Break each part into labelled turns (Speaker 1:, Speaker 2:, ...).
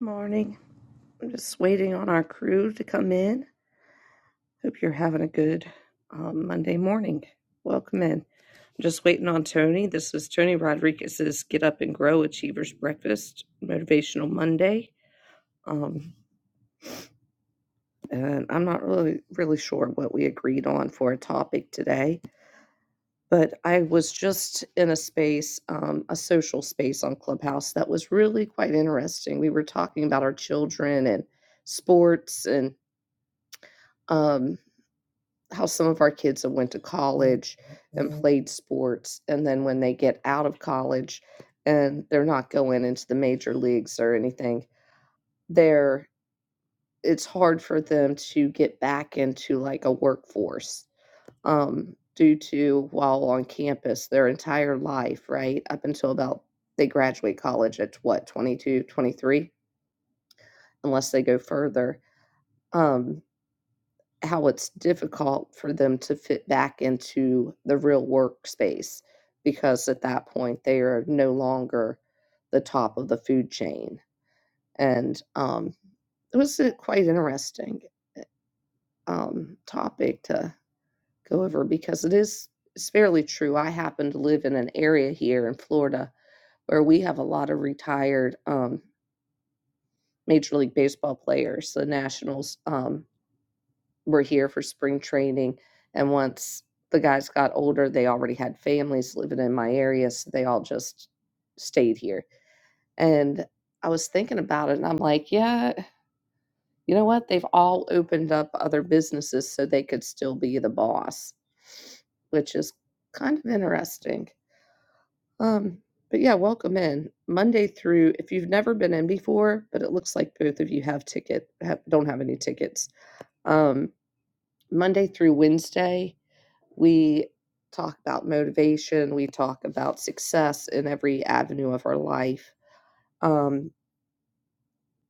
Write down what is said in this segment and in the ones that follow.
Speaker 1: Morning. I'm just waiting on our crew to come in. Hope you're having a good um, Monday morning. Welcome in. I'm just waiting on Tony. This is Tony Rodriguez's Get Up and Grow Achievers Breakfast Motivational Monday. Um, and I'm not really really sure what we agreed on for a topic today, but I was just in a space, um, a social space on Clubhouse that was really quite interesting. We were talking about our children and sports and. um, how some of our kids have went to college and played sports, and then when they get out of college and they're not going into the major leagues or anything, they're it's hard for them to get back into like a workforce um, due to while on campus their entire life, right? Up until about they graduate college at what, 22, 23, unless they go further. Um, how it's difficult for them to fit back into the real workspace because at that point they are no longer the top of the food chain. And um, it was a quite interesting um, topic to go over because it is it's fairly true. I happen to live in an area here in Florida where we have a lot of retired um, Major League Baseball players, the Nationals. Um, were here for spring training. And once the guys got older, they already had families living in my area. So they all just stayed here. And I was thinking about it and I'm like, yeah, you know what? They've all opened up other businesses so they could still be the boss, which is kind of interesting. Um, but yeah, welcome in Monday through. If you've never been in before, but it looks like both of you have ticket have, don't have any tickets. Um, Monday through Wednesday, we talk about motivation we talk about success in every avenue of our life um,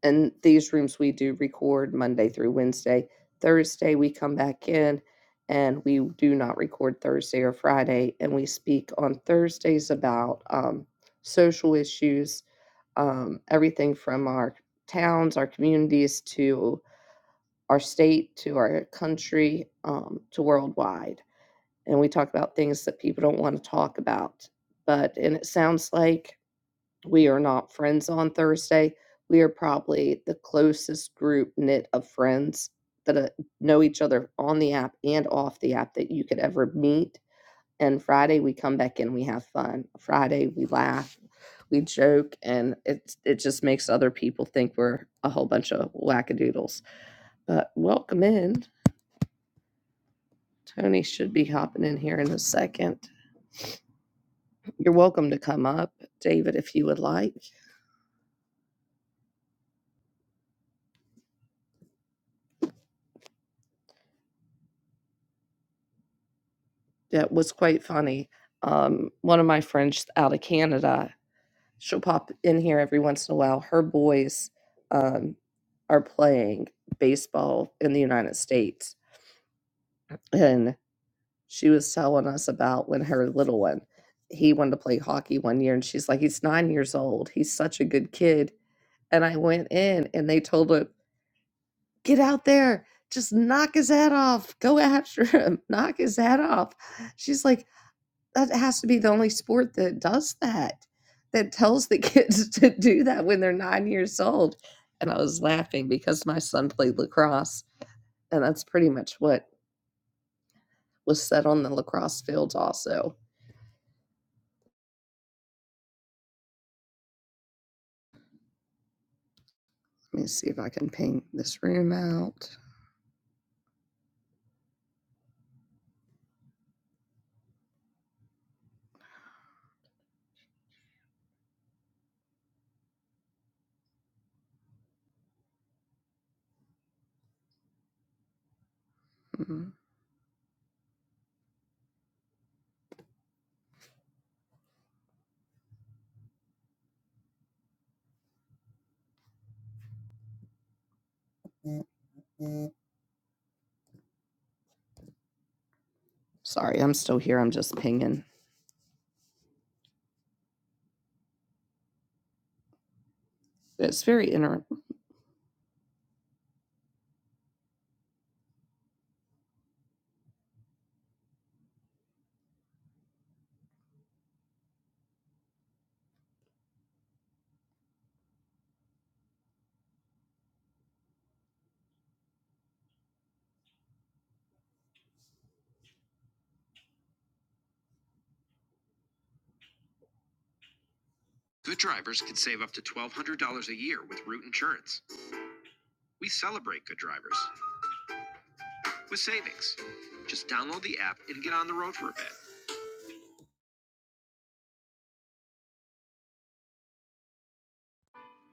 Speaker 1: and these rooms we do record monday through wednesday thursday we come back in and we do not record thursday or friday and we speak on thursdays about um, social issues um, everything from our towns our communities to our state to our country um, to worldwide and we talk about things that people don't want to talk about. But, and it sounds like we are not friends on Thursday. We are probably the closest group knit of friends that uh, know each other on the app and off the app that you could ever meet. And Friday, we come back in, we have fun. Friday, we laugh, we joke, and it, it just makes other people think we're a whole bunch of wackadoodles. But welcome in. Tony should be hopping in here in a second. You're welcome to come up, David, if you would like. That was quite funny. Um, one of my friends out of Canada, she'll pop in here every once in a while. Her boys um, are playing baseball in the United States. And she was telling us about when her little one, he wanted to play hockey one year. And she's like, he's nine years old. He's such a good kid. And I went in and they told him get out there, just knock his head off, go after him, knock his head off. She's like, that has to be the only sport that does that, that tells the kids to do that when they're nine years old. And I was laughing because my son played lacrosse, and that's pretty much what was said on the lacrosse fields, also. Let me see if I can ping this room out. Mhm. Sorry, I'm still here. I'm just pinging. It's very inter.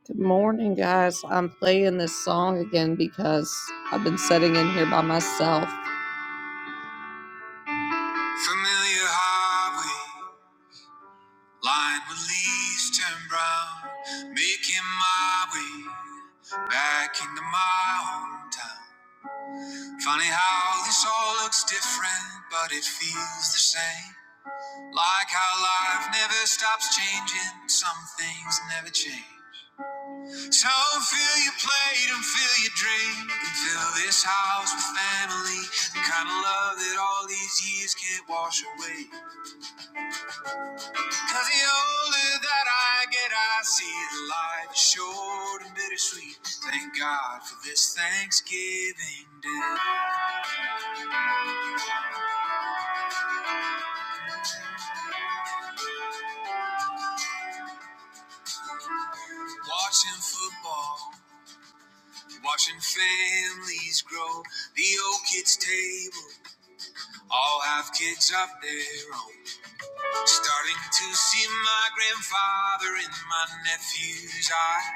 Speaker 1: Good morning, guys. I'm playing this song again because I've been sitting in here by myself. Familiar highway, lined with leaves turned brown, making my way back into my hometown. Funny how this all looks different, but it feels the same. Like how life never stops changing, some things never change. So fill your plate and fill your drink, and fill this house with family. The kind of love that all these years can't wash away. Cause the older that I get, I see the life is short and bittersweet. Thank God for this Thanksgiving day. Watching football. Watching families grow, the old kids' table all have kids of their own. Starting to see my grandfather and my nephew's eye.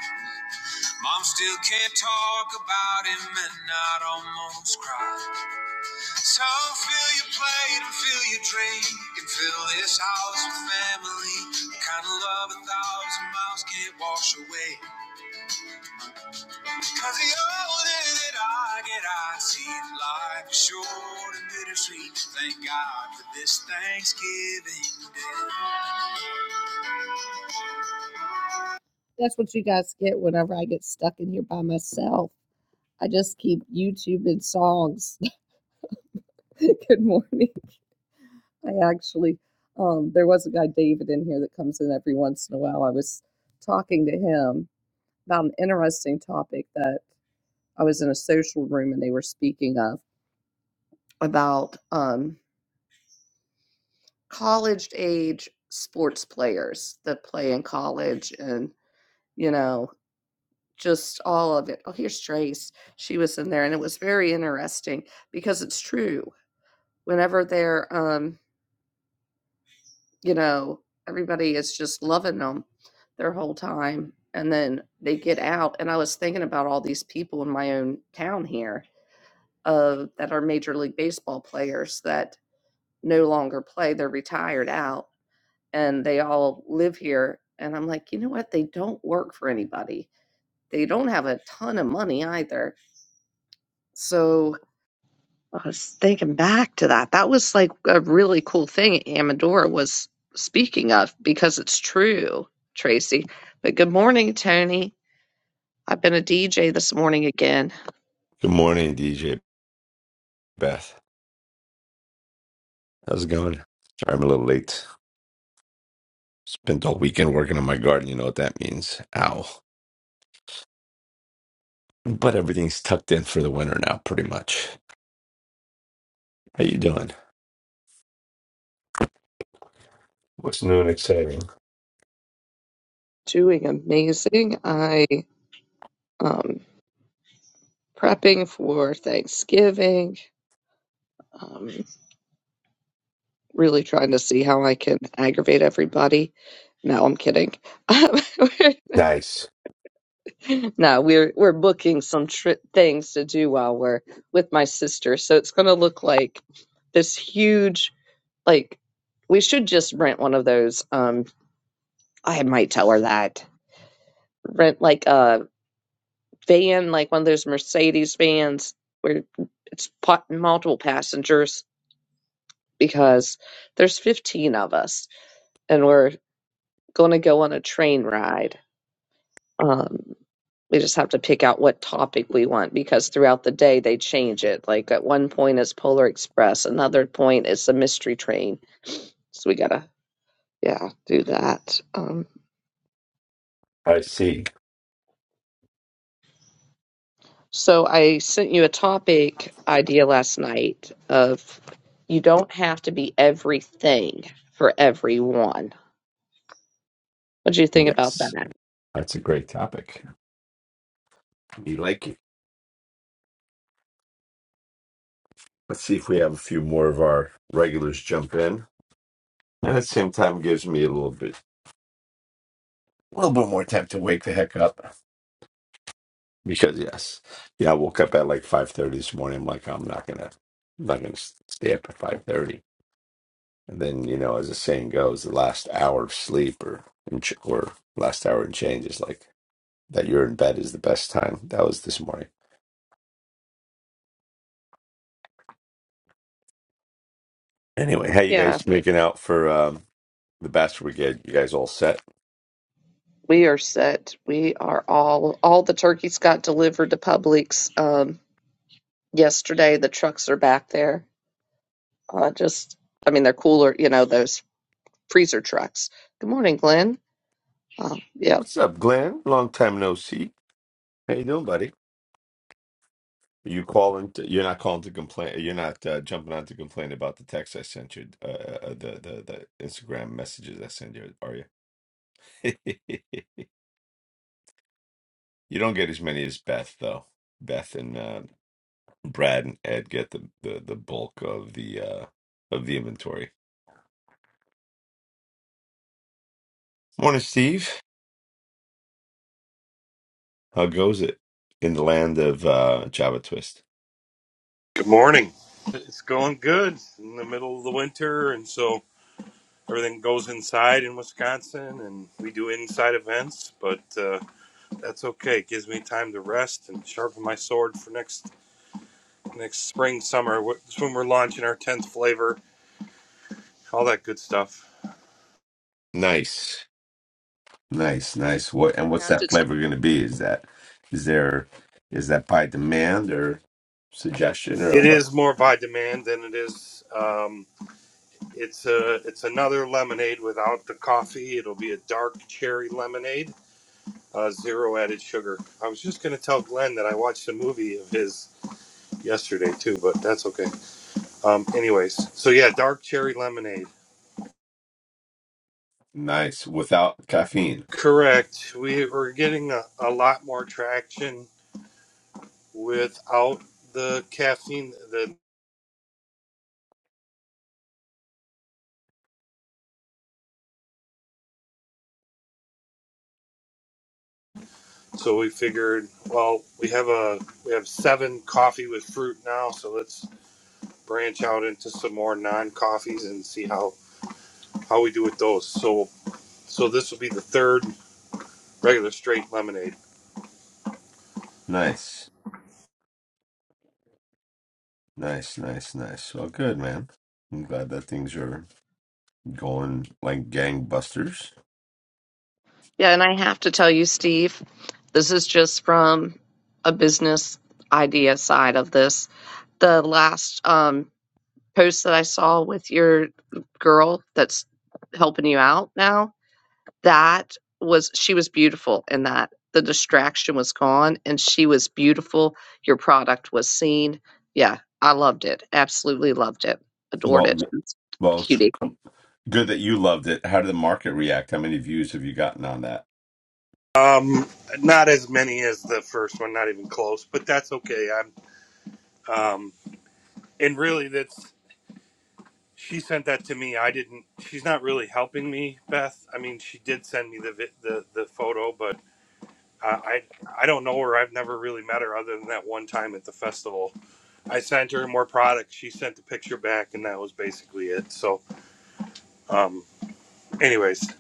Speaker 1: Mom still can't talk about him and I'd almost cry. So fill your plate and fill your drink and fill this house with family. The kind of love a thousand miles can't wash away. Cause the older that I get, I see life is short and bittersweet. Thank God for this Thanksgiving Day. That's what you guys get whenever I get stuck in here by myself. I just keep YouTube and songs. Good morning. I actually, um, there was a guy, David, in here that comes in every once in a while. I was talking to him about an interesting topic that I was in a social room and they were speaking of about um, college age sports players that play in college and, you know, just all of it. Oh, here's Trace. She was in there and it was very interesting because it's true. Whenever they're, um, you know, everybody is just loving them their whole time and then they get out. And I was thinking about all these people in my own town here uh, that are Major League Baseball players that no longer play, they're retired out and they all live here. And I'm like, you know what? They don't work for anybody. They don't have a ton of money either. So I was thinking back to that. That was like a really cool thing Amadora was speaking of because it's true, Tracy. But good morning, Tony. I've been a DJ this morning again.
Speaker 2: Good morning, DJ Beth. How's it going? Sorry, I'm a little late. Spent all weekend working on my garden. You know what that means. Ow. But everything's tucked in for the winter now, pretty much. How you doing? What's new and exciting?
Speaker 1: Doing amazing. I um prepping for Thanksgiving. Um really trying to see how I can aggravate everybody. No, I'm kidding.
Speaker 2: Nice.
Speaker 1: No, we're we're booking some tri things to do while we're with my sister. So it's going to look like this huge like we should just rent one of those um I might tell her that. Rent like a van, like one of those Mercedes vans where it's pa- multiple passengers because there's 15 of us and we're going to go on a train ride Um, we just have to pick out what topic we want because throughout the day they change it. Like at one point it's Polar Express, another point it's the Mystery Train. So we gotta, yeah, do that. Um,
Speaker 2: I see.
Speaker 1: so I sent you a topic idea last night of you don't have to be everything for everyone. What do you think about
Speaker 2: Yes.
Speaker 1: that?
Speaker 2: That's a great topic. You like it? Let's see if we have a few more of our regulars jump in. And at the same time, it gives me a little bit, a little bit more time to wake the heck up. Because yes, yeah, I woke up at like five thirty this morning. I'm like, I'm not gonna, I'm not gonna s- stay up at five thirty. And then you know, as the saying goes, the last hour of sleep or and ch- or last hour and change is like that. You're in bed is the best time. That was this morning. Anyway, how you
Speaker 1: Yeah,
Speaker 2: guys making out for um, the Bachelor Brigade? You guys all set?
Speaker 1: we are set. We are all all the turkeys got delivered to Publix um yesterday. The trucks are back there. Uh just I mean they're cooler, you know, those freezer trucks. Good morning, Glenn. Um, yep.
Speaker 2: What's up, Glenn? Long time no see. How you doing, buddy? You calling? To, you're not calling to complain. You're not uh, jumping on to complain about the text I sent you, uh, uh, the the the Instagram messages I send you, are you? You don't get as many as Beth though. Beth and uh, Brad and Ed get the, the the bulk of the uh of the inventory. Morning, Steve. How goes it in the land of uh Java Twist?
Speaker 3: Good morning. It's going good It's in the middle of the winter, and so everything goes inside in Wisconsin, and we do inside events. But uh, that's okay; it gives me time to rest and sharpen my sword for next next spring, summer. wh- That's when we're launching our tenth flavor, all that good stuff.
Speaker 2: Nice, nice, nice. What and
Speaker 1: I
Speaker 2: what's
Speaker 1: have to
Speaker 2: that
Speaker 1: tell
Speaker 2: flavor going to be? Is that is there is that by demand or suggestion or
Speaker 3: It
Speaker 2: what?
Speaker 3: is more by demand than it is. Um, it's a it's another lemonade without the coffee. It'll be a dark cherry lemonade uh, zero added sugar. I was just going to tell Glenn that I watched a movie of his yesterday too, but that's okay. Um, anyways, so yeah, dark cherry lemonade.
Speaker 2: Nice. Without caffeine.
Speaker 3: Correct. We are getting a, a lot more traction without the caffeine. The, so we figured, well, we have a we have seven coffee with fruit now, so let's branch out into some more non coffees and see how how we do with those. So so this will be the third regular straight lemonade.
Speaker 2: Nice. Nice, nice, nice. Well, good, man. I'm glad that things are going like gangbusters.
Speaker 1: Yeah, and I have to tell you, Steve, this is just from a business idea side of this. The last um, post that I saw with your girl that's helping you out now, that was, she was beautiful in that. The distraction was gone and she was beautiful. Your product was seen. Yeah, I loved it. Absolutely loved it. Adored
Speaker 2: Well,
Speaker 1: it.
Speaker 2: w-
Speaker 1: It's
Speaker 2: well, it's
Speaker 1: Cutie.
Speaker 2: good that you loved it. How did the market react? How many views have you gotten on that?
Speaker 3: Um, not as many as the first one, not even close, but that's okay. I'm, um, and really, that's she sent that to me. I didn't. She's not really helping me, Beth. I mean, she did send me the vi- the the photo, but uh, I I don't know her. I've never really met her other than that one time at the festival. I sent her more products. She sent the picture back, and that was basically it. So, um, anyways,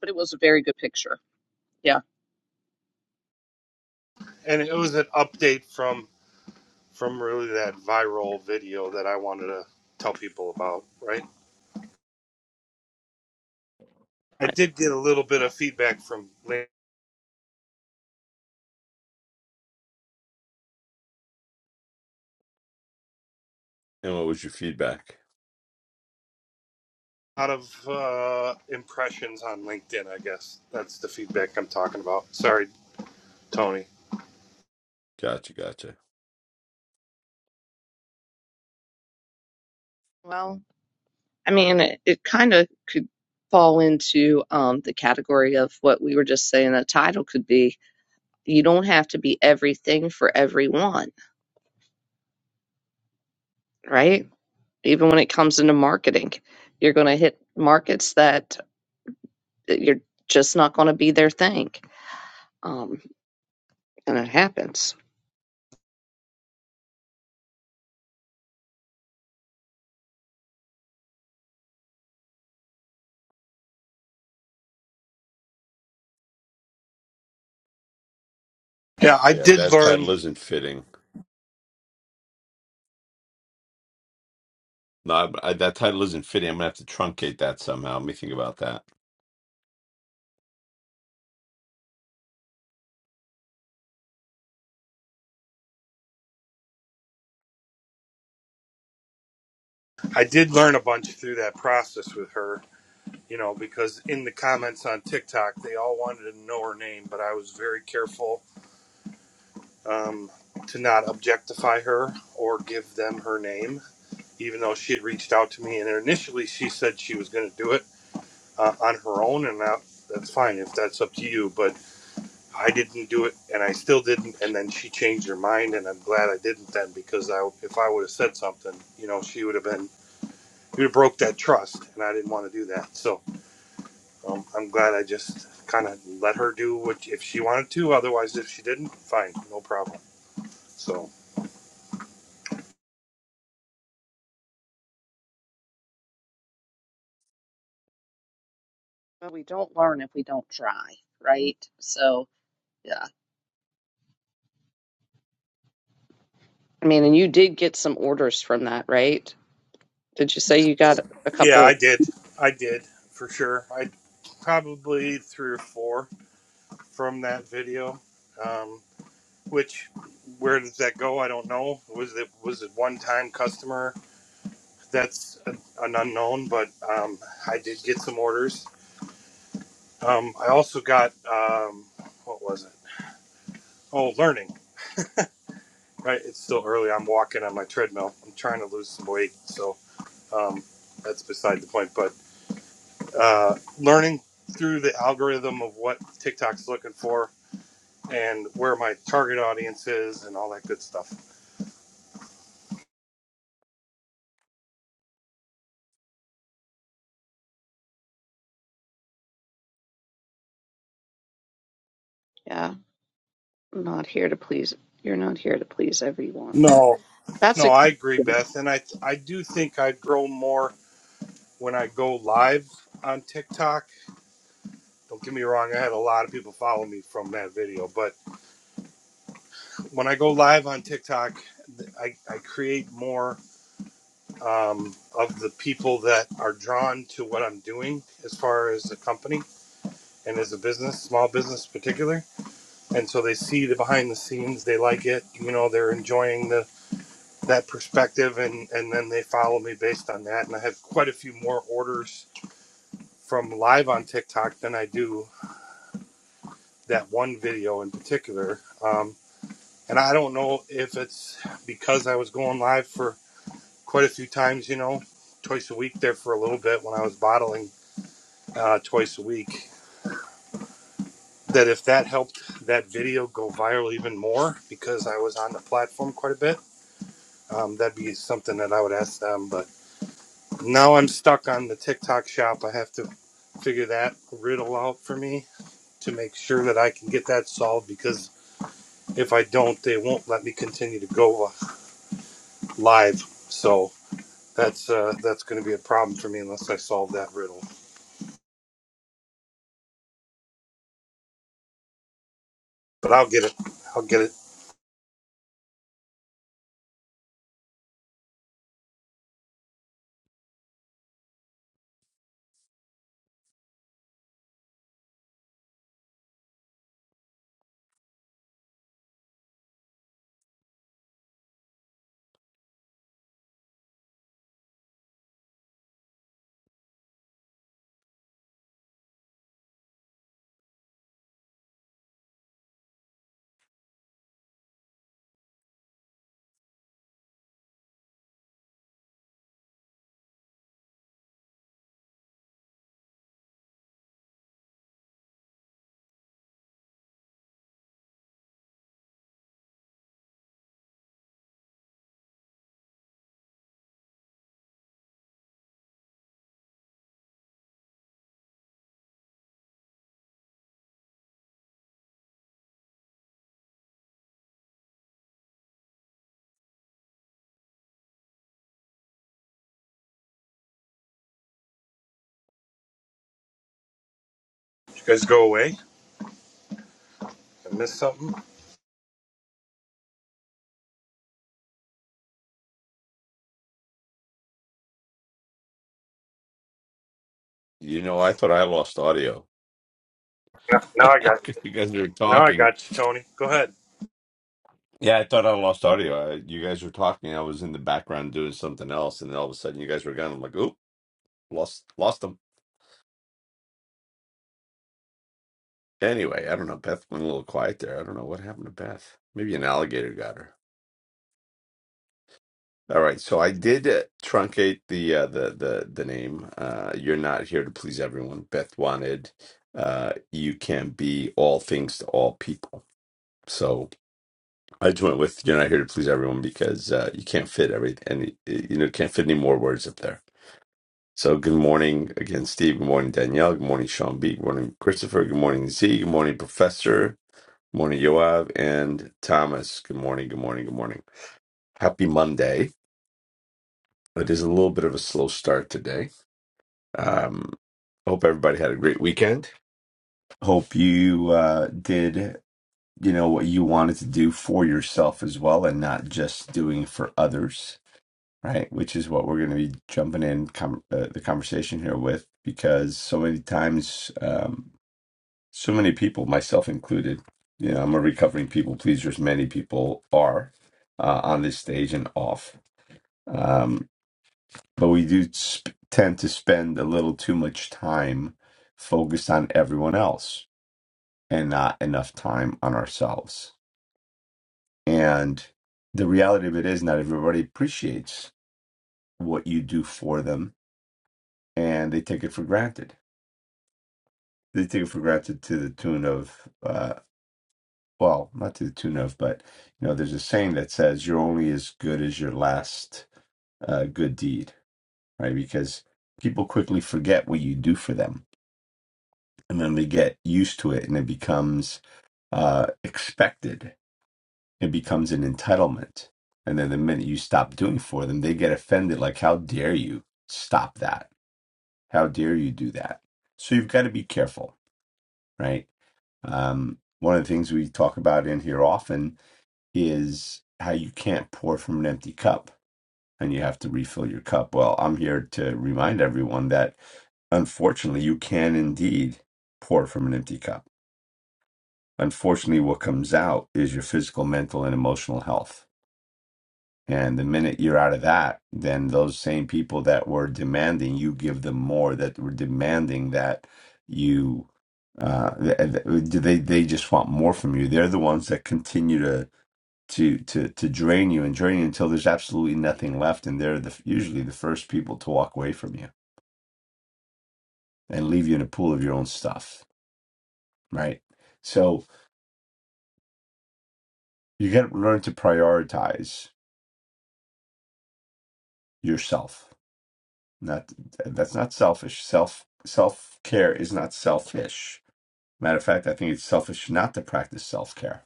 Speaker 1: But it was a very good picture. Yeah.
Speaker 3: and it was an update from from really that viral video that I wanted to tell people about, right? I
Speaker 1: Right.
Speaker 3: did get a little bit of feedback from Lin-
Speaker 2: And what was your feedback?
Speaker 3: a lot of uh, impressions on LinkedIn. I guess that's the feedback I'm talking about. Sorry, Tony.
Speaker 2: Gotcha, gotcha.
Speaker 1: Well, I mean, it, it kind of could fall into um, the category of what we were just saying a title could be. You don't have to be everything for everyone, right? Even when it comes into marketing, you're going to hit markets that you're just not going to be their thing. Um, and it happens.
Speaker 3: Yeah, I
Speaker 2: Yeah,
Speaker 3: did
Speaker 2: that title
Speaker 3: learn.
Speaker 2: isn't fitting. No, I, I- that title isn't fitting. I'm gonna have to truncate that somehow. Let me think about that.
Speaker 3: I did learn a bunch through that process with her. You know, because in the comments on TikTok, they all wanted to know her name, but I was very careful um, to not objectify her or give them her name, even though she had reached out to me. And initially, she said she was going to do it uh, on her own, and that, that's fine if that's up to you. But I didn't do it, and I still didn't. And then she changed her mind, and I'm glad I didn't then because I, if I would have said something, you know, she would have been, you would have broke that trust, and I didn't want to do that. So um, I'm glad I just kind of let her do what if she wanted to. Otherwise, if she didn't, fine, no problem. So
Speaker 1: Well, we don't learn if we don't try, right? So, yeah. I mean, and you did get some orders from that, right? Did you say you got a
Speaker 3: yeah,
Speaker 1: couple
Speaker 3: I did, I did for sure. I probably three or four from that video, um, which where does that go? I don't know. Was it was it one time customer? that's an unknown, but um, I did get some orders. Um, I also got um, what was it? Oh, learning. Right, it's still early. I'm walking on my treadmill. I'm trying to lose some weight, so um, that's beside the point. But uh, learning through the algorithm of what TikTok's looking for and where my target audience is and all that good stuff.
Speaker 1: Yeah, I'm not here to please. You're not here to please everyone.
Speaker 3: No,
Speaker 1: That's
Speaker 3: no,
Speaker 1: a
Speaker 3: I agree,
Speaker 1: good.
Speaker 3: Beth, and I I do think I'd grow more when I go live on TikTok Don't get me wrong, I had a lot of people follow me from that video. But when I go live on TikTok, I, I create more um, of the people that are drawn to what I'm doing as far as a company and as a business, small business in particular. And so they see the behind the scenes, they like it, you know, they're enjoying the that perspective and, and then they follow me based on that. And I have quite a few more orders from live on TikTok than I do that one video in particular. Um, And I don't know if it's because I was going live for quite a few times, you know, twice a week there for a little bit when I was bottling uh, twice a week, that if that helped that video go viral even more because I was on the platform quite a bit, um, that'd be something that I would ask them. But now I'm stuck on the TikTok shop. I have to figure that riddle out for me to make sure that I can get that solved because if I don't, they won't let me continue to go uh, live. So. That's uh, that's going to be a problem for me unless I solve that riddle. But I'll get it. I'll get it. You guys go away. I missed something.
Speaker 2: You know, I thought I lost audio
Speaker 3: No, now I
Speaker 2: because
Speaker 3: got.
Speaker 2: you guys were
Speaker 3: Now I
Speaker 2: talking.
Speaker 3: got you, Tony. Go ahead.
Speaker 2: Yeah, I thought I lost audio. I, you guys were talking. I was in the background doing something else, and then all of a sudden, you guys were gone. I'm like, "Oop, lost, lost them." Anyway, I don't know. Beth went a little quiet there. I don't know what happened to Beth. Maybe an alligator got her. All right, so I did uh, truncate the uh, the the the name. Uh, you're not here to please everyone. Beth wanted uh, you can be all things to all people. So I just went with you're not here to please everyone because uh, you can't fit every any you know can't fit any more words up there. So good morning again, Steve. Good morning, Danielle. Good morning, Sean B. Good morning, Christopher. Good morning, Z. Good morning, Professor. Good morning, Yoav and Thomas. Good morning, good morning, good morning. Happy Monday. It is a little bit of a slow start today. Um, hope everybody had a great weekend. Hope you uh, did, you know, what you wanted to do for yourself as well and not just doing for others, right? Which is what we're going to be jumping in com- uh, the conversation here with because so many times, um, so many people, myself included. You know, I'm a recovering people pleaser, as many people are uh, on this stage and off. Um, but we do sp- tend to spend a little too much time focused on everyone else and not enough time on ourselves. And the reality of it is, not everybody appreciates what you do for them and they take it for granted. They take it for granted to the tune of uh, well, not to the tune of, but you know, there's a saying that says you're only as good as your last uh, good deed, right? Because people quickly forget what you do for them, and then they get used to it, and it becomes uh, expected. It becomes an entitlement, and then the minute you stop doing for them, they get offended. Like, how dare you stop that? How dare you do that? So you've got to be careful, right? Um, one of the things we talk about in here often is how you can't pour from an empty cup and you have to refill your cup. Well, I'm here to remind everyone that unfortunately you can indeed pour from an empty cup. Unfortunately, what comes out is your physical, mental, and emotional health. And the minute you're out of that, then those same people that were demanding you give them more, that were demanding that you, uh, th- th- they they just want more from you. They're the ones that continue to to to to drain you and drain you until there's absolutely nothing left and they're the usually the first people to walk away from you and leave you in a pool of your own stuff right so you got to learn to prioritize yourself not that's not selfish self self care is not selfish matter of fact i think it's selfish not to practice self-care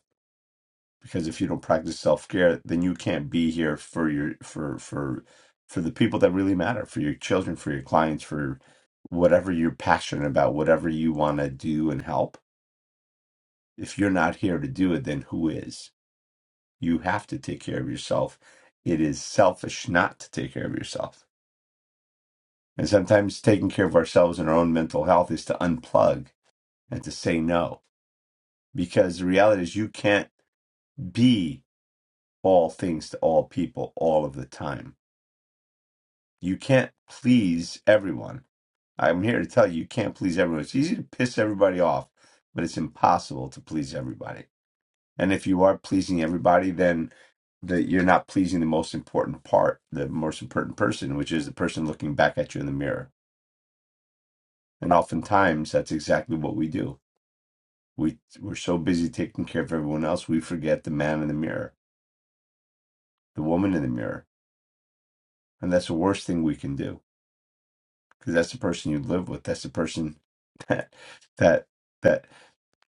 Speaker 2: because if you don't practice self-care then you can't be here for your for for for the people that really matter for your children for your clients for whatever you're passionate about whatever you want to do and help if you're not here to do it then who is you have to take care of yourself it is selfish not to take care of yourself and sometimes taking care of ourselves and our own mental health is to unplug and to say no because the reality is you can't be all things to all people all of the time You can't please everyone. I'm here to tell you, you can't please everyone. It's easy to piss everybody off, but it's impossible to please everybody. And if you are pleasing everybody, then that you're not pleasing the most important part, the most important person, which is the person looking back at you in the mirror. And oftentimes, that's exactly what we do. We we're so busy taking care of everyone else, we forget the man in the mirror, the woman in the mirror, and that's the worst thing we can do because that's the person you live with. That's the person that that that.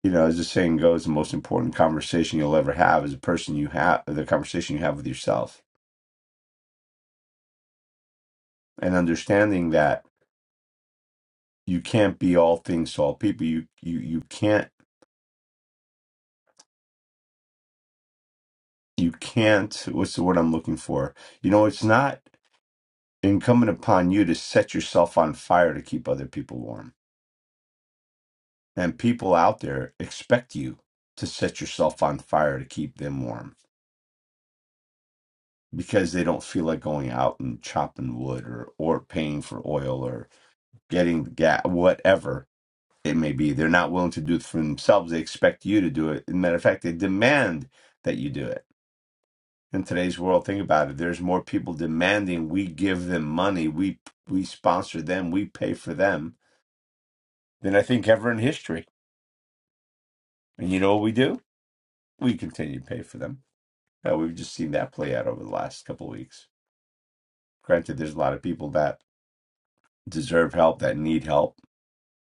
Speaker 2: you know, as the saying goes, the most important conversation you'll ever have is the person you have, the conversation you have with yourself, and understanding that you can't be all things to all people. You you you can't you can't. What's the word I'm looking for? You know, it's not incumbent upon you to set yourself on fire to keep other people warm, and people out there expect you to set yourself on fire to keep them warm because they don't feel like going out and chopping wood or or paying for oil or getting gas whatever it may be. They're not willing to do it for themselves. They expect you to do it. As a matter of fact, they demand that you do it. In today's world, think about it. There's more people demanding we give them money, we we sponsor them, we pay for them than I think ever in history. And you know what we do? We continue to pay for them. Uh, we've just seen that play out over the last couple of weeks. Granted, there's a lot of people that deserve help, that need help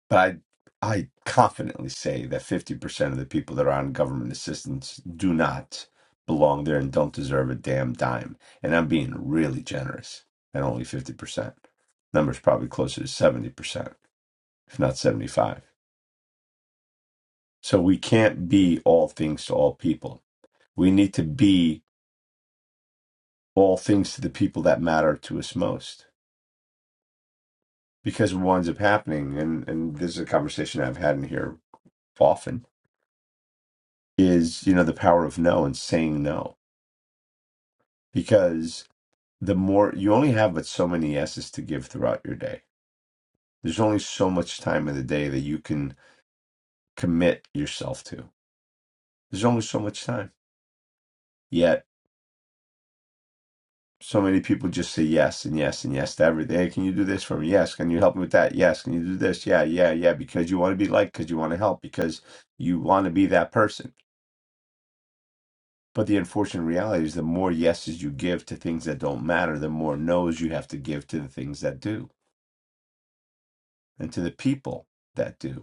Speaker 2: But I, I confidently say that 50% of the people that are on government assistance do not belong there and don't deserve a damn dime. And I'm being really generous at only 50%. Number's probably closer to 70%, if not 75. So we can't be all things to all people. We need to be all things to the people that matter to us most. Because what winds up happening, and, and this is a conversation I've had in here often, is, you know, the power of no and saying no because the more you only have but so many yeses to give throughout your day. There's only so much time in the day that you can commit yourself to. There's only so much time. Yet so many people just say yes and yes and yes to everything. Hey, can you do this for me? Yes. Can you help me with that? Yes. Can you do this? Yeah, yeah, yeah. Because you want to be liked, because you want to help, because you want to be that person. But the unfortunate reality is the more yeses you give to things that don't matter, the more no's you have to give to the things that do and to the people that do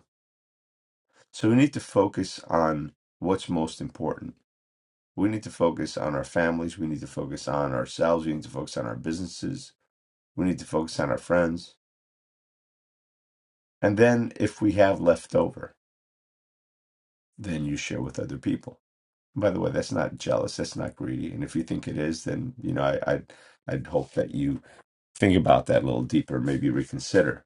Speaker 2: So we need to focus on what's most important. We need to focus on our families. We need to focus on ourselves. We need to focus on our businesses. We need to focus on our friends. And then if we have left over, then you share with other people. By the way, that's not jealous. That's not greedy. And if you think it is, then you know I, I'd I'd hope that you think about that a little deeper. Maybe reconsider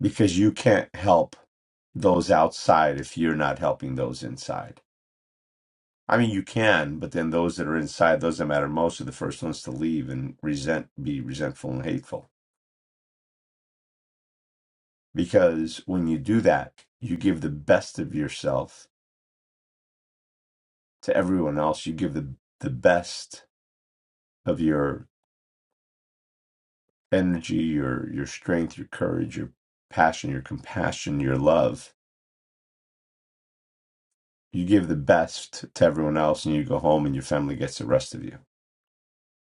Speaker 2: because you can't help those outside if you're not helping those inside I mean, you can, but then those that are inside, those that matter most, are the first ones to leave and resent, be resentful and hateful. Because when you do that, you give the best of yourself to everyone else. You give the the best of your energy, your your strength, your courage, your passion, your compassion, your love. You give the best to everyone else, and you go home, and your family gets the rest of you.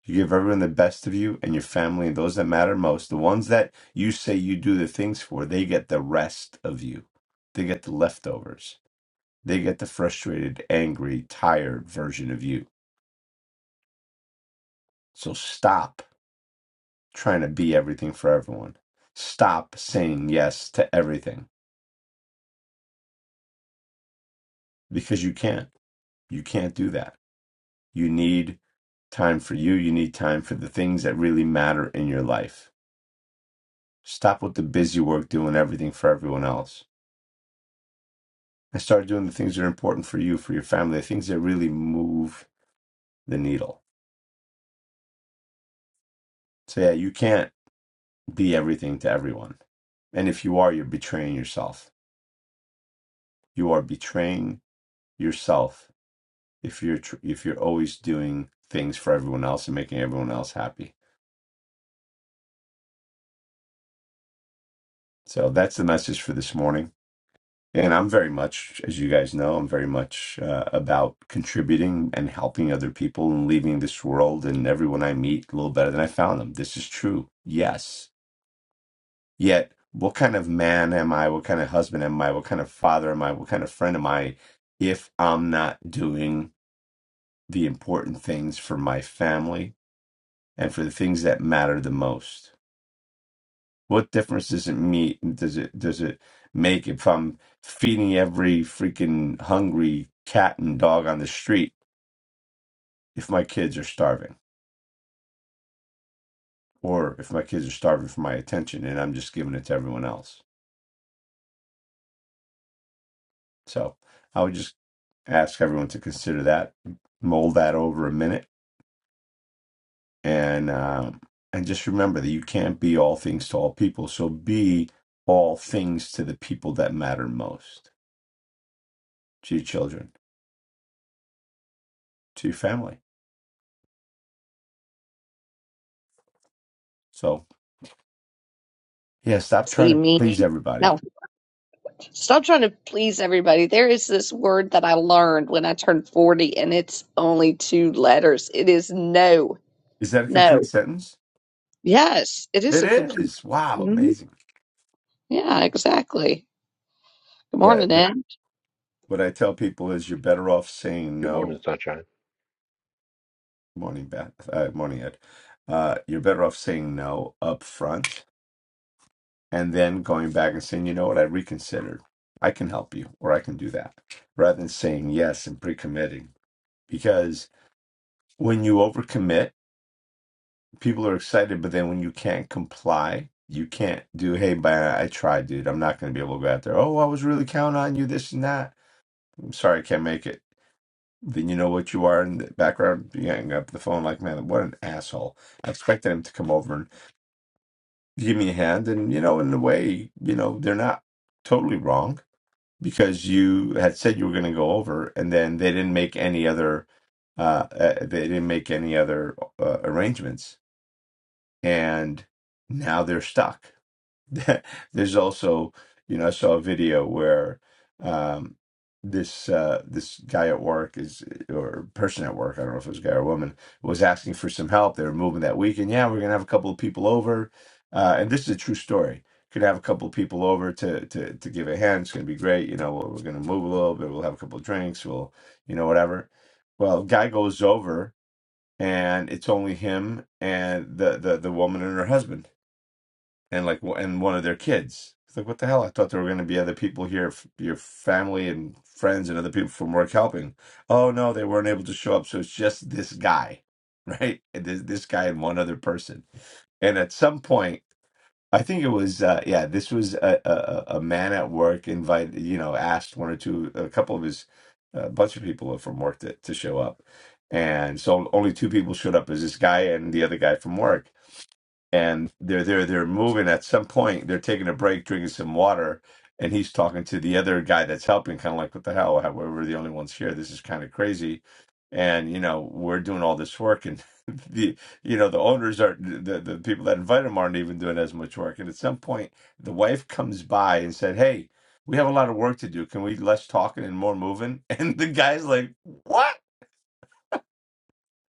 Speaker 2: You give everyone the best of you and your family and those that matter most. The ones that you say you do the things for, they get the rest of you. They get the leftovers. They get the frustrated, angry, tired version of you. So stop trying to be everything for everyone. Stop saying yes to everything because you can't. You can't do that. You need time for you. You need time for the things that really matter in your life. Stop with the busy work doing everything for everyone else and start doing the things that are important for you, for your family, the things that really move the needle. So, yeah, you can't be everything to everyone. And if you are, you're betraying yourself. You are betraying yourself if you're tr- if you're always doing things for everyone else and making everyone else happy. So that's the message for this morning. And I'm very much, as you guys know, I'm very much uh, about contributing and helping other people and leaving this world and everyone I meet a little better than I found them. This is true. Yes Yet, what kind of man am I? What kind of husband am I? What kind of father am I? What kind of friend am I if I'm not doing the important things for my family and for the things that matter the most? What difference does it meet? Does it does it make if I'm feeding every freaking hungry cat and dog on the street if my kids are starving or if my kids are starving for my attention and I'm just giving it to everyone else? So, I would just ask everyone to consider that, mold that over a minute, and um, and just remember that you can't be all things to all people. So be all things to the people that matter most, to your children, to your family. So yeah, stop
Speaker 1: See
Speaker 2: trying to
Speaker 1: me?
Speaker 2: please everybody.
Speaker 1: No. Stop trying to please everybody. There is this word that I learned when I turned 40, and it's only two letters. It is no.
Speaker 2: Is that a complete
Speaker 1: No.
Speaker 2: sentence?
Speaker 1: Yes, it is
Speaker 2: It
Speaker 1: a complete.
Speaker 2: is. Wow,
Speaker 1: Mhm.
Speaker 2: amazing.
Speaker 1: Yeah, exactly. Good
Speaker 2: Yeah.
Speaker 1: morning,
Speaker 2: th-
Speaker 1: Ed.
Speaker 2: What I tell people is you're better off saying
Speaker 4: Good morning,
Speaker 2: no.
Speaker 4: Sunshine.
Speaker 2: Morning, Beth. Uh, morning, Ed. Uh, you're better off saying no up front and then going back and saying, you know what, I reconsidered. I can help you or I can do that rather than saying yes and pre committing. Because when you overcommit, people are excited, but then when you can't comply, you can't do, hey, man, I tried, dude. I'm not going to be able to go out there. Oh, I was really counting on you, this and that. I'm sorry, I can't make it. Then you know what you are in the background. You hang up the phone like, man, what an asshole. I expected him to come over and give me a hand. And, you know, in a way, you know, they're not totally wrong because you had said you were going to go over, and then they didn't make any other uh, uh they didn't make any other uh, arrangements, and now they're stuck. there's also, you know, I saw a video where um, this uh, this guy at work is or person at work, I don't know if it was a guy or a woman, was asking for some help. They were moving that week, and Yeah, we're gonna have a couple of people over, uh, and this is a true story. Could have a couple of people over to to to give a hand. It's gonna be great. You know, we're we're gonna move a little bit. We'll have a couple of drinks. We'll, you know, whatever. Well, guy goes over, and it's only him and the the the woman and her husband and like and one of their kids. It's like what the hell? I thought there were going to be other people here, f- your family and friends and other people from work helping. Oh no, they weren't able to show up, so it's just this guy, right? And this this guy and one other person. And at some point, I think it was uh, yeah, this was a, a a a man at work invited, you know, asked one or two, a couple of his, a bunch of people from work to, to show up. And so only two people showed up as this guy and the other guy from work and they're they're they're moving. At some point, they're taking a break, drinking some water, and he's talking to the other guy that's helping, kind of like, "What the hell? How- We're the only ones here. This is kind of crazy." And you know, we're doing all this work, and the you know the owners are the the people that invite him aren't even doing as much work. And at some point, the wife comes by and said, "Hey." We have a lot of work to do. Can we less talking and more moving? And the guy's like, "What?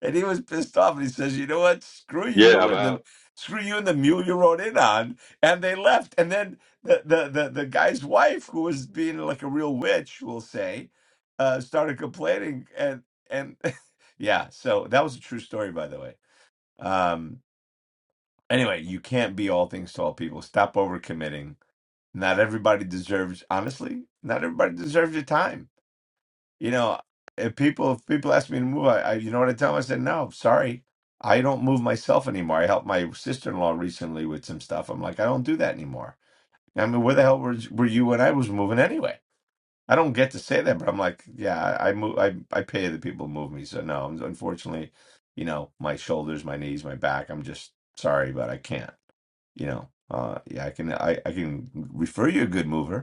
Speaker 2: And he was pissed off, and he says, "You know what? Screw
Speaker 4: Yeah,
Speaker 2: you and
Speaker 4: about.
Speaker 2: the screw you and the mule you rode in on." And they left. And then the the the, the guy's wife, who was being like a real witch, we'll say, uh, started complaining. And and yeah, so that was a true story, by the way. Um, anyway, you can't be all things to all people. Stop overcommitting. Not everybody deserves, honestly. Not everybody deserves your time you know, if people if people ask me to move, I, I you know what I tell them? I said, no, sorry, I don't move myself anymore. I helped my sister in law recently with some stuff. I'm like, I don't do that anymore. I mean, where the hell were, were you when I was moving anyway? I don't get to say that, but I'm like, yeah, I, I move, I I pay the people to move me. So no, unfortunately, you know, my shoulders, my knees, my back. I'm just sorry, but I can't. You know, uh, yeah, I can I, I can refer you a good mover